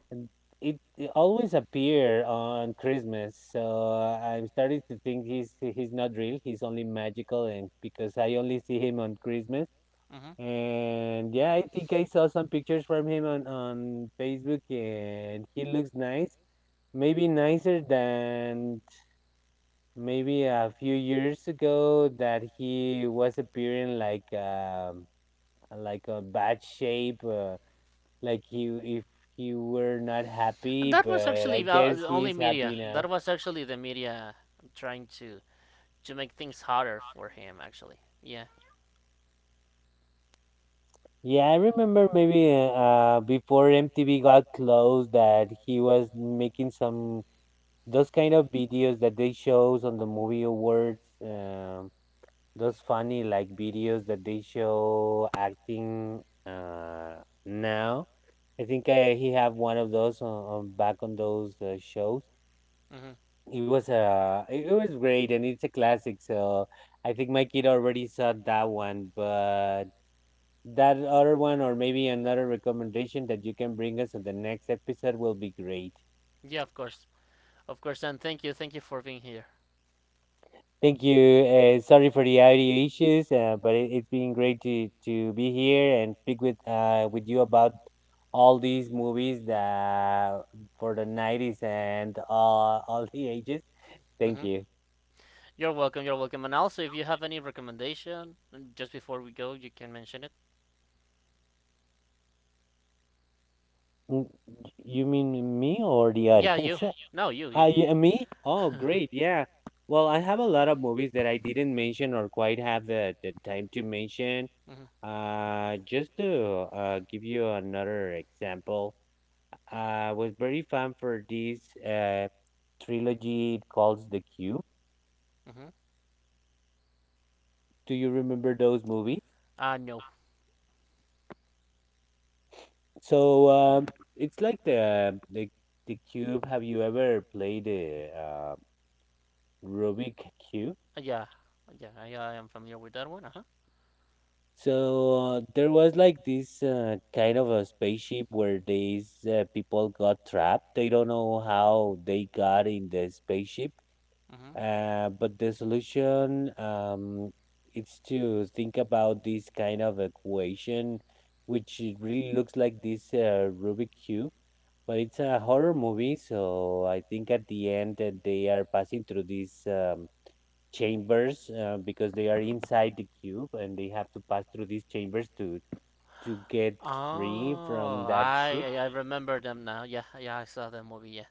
Speaker 2: and it always appear on Christmas. So I'm starting to think he's not real. He's only magical, and because I only see him on Christmas.
Speaker 1: Hmm.
Speaker 2: And yeah, I think I saw some pictures from him on Facebook, and he looks nice. Maybe nicer than maybe a few years ago that he was appearing like, like a bad shape, like he if he were not happy,
Speaker 1: That was
Speaker 2: but I
Speaker 1: actually
Speaker 2: guess he's happy now.
Speaker 1: The media trying to make things harder for him. Actually, yeah,
Speaker 2: Yeah, I remember maybe before MTV got closed that he was making some those kind of videos that they shows on the movie awards, those funny like videos that they show acting, now. I think he have one of those on back on those shows.
Speaker 1: hmm,
Speaker 2: It was great, and it's a classic. So I think my kid already saw that one, but that other one or maybe another recommendation that you can bring us on the next episode will be great.
Speaker 1: yeah, of course, of course. And thank you for being here.
Speaker 2: Thank you. Sorry for the audio issues, but it's been great to be here and speak with you about all these movies that for the 90s and all the ages. Thank
Speaker 1: Hmm.
Speaker 2: you.
Speaker 1: You're welcome. You're welcome. And also, if you have any recommendation, just before we go, you can mention it.
Speaker 2: Mm, You mean me or the
Speaker 1: Yeah, you.
Speaker 2: audience? <laughs>
Speaker 1: No, you, you.
Speaker 2: Yeah, me? Oh,
Speaker 1: <laughs>
Speaker 2: great. Yeah. Well, I have a lot of movies that I didn't mention or quite have the time to mention.
Speaker 1: Hmm.
Speaker 2: Just to give you another example, I was very fan for this uh, trilogy called The Cube.
Speaker 1: Hmm.
Speaker 2: Do you remember those movies?
Speaker 1: No.
Speaker 2: So it's like the cube. Have you ever played the Rubik cube?
Speaker 1: Yeah, yeah, I am familiar with that one. Uh huh.
Speaker 2: So there was like this kind of a spaceship where these people got trapped. They don't know how they got in the spaceship,
Speaker 1: Hmm.
Speaker 2: but the solution, is to think about this kind of equation, which it really looks like this Rubik cube. But it's a horror movie, so I think at the end that they are passing through this chambers, because they are inside the cube and they have to pass through these chambers to get free from
Speaker 1: Oh,
Speaker 2: that
Speaker 1: I
Speaker 2: ship.
Speaker 1: I I remember them now. Yeah, yeah, I saw that movie. Yeah,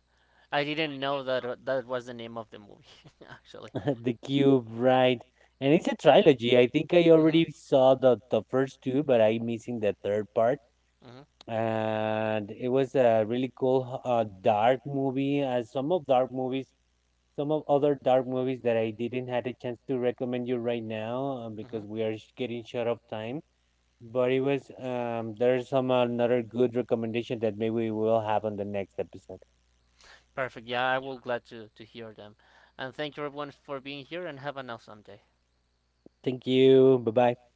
Speaker 1: I didn't know that that was the name of the movie <laughs> actually.
Speaker 2: <laughs> The cube, right? And it's a trilogy. I think I
Speaker 1: Hmm.
Speaker 2: already saw the first two, but I'm missing the third part.
Speaker 1: Hmm.
Speaker 2: And it was a really cool dark movie, as some of other dark movies that I didn't had a chance to recommend you right now, because
Speaker 1: Hmm.
Speaker 2: we are getting short of time. But it was there's some another good recommendation that maybe we will have on the next episode.
Speaker 1: Perfect. Yeah, I will glad to hear them, and thank you everyone for being here and have an awesome day.
Speaker 2: Thank you. Bye bye.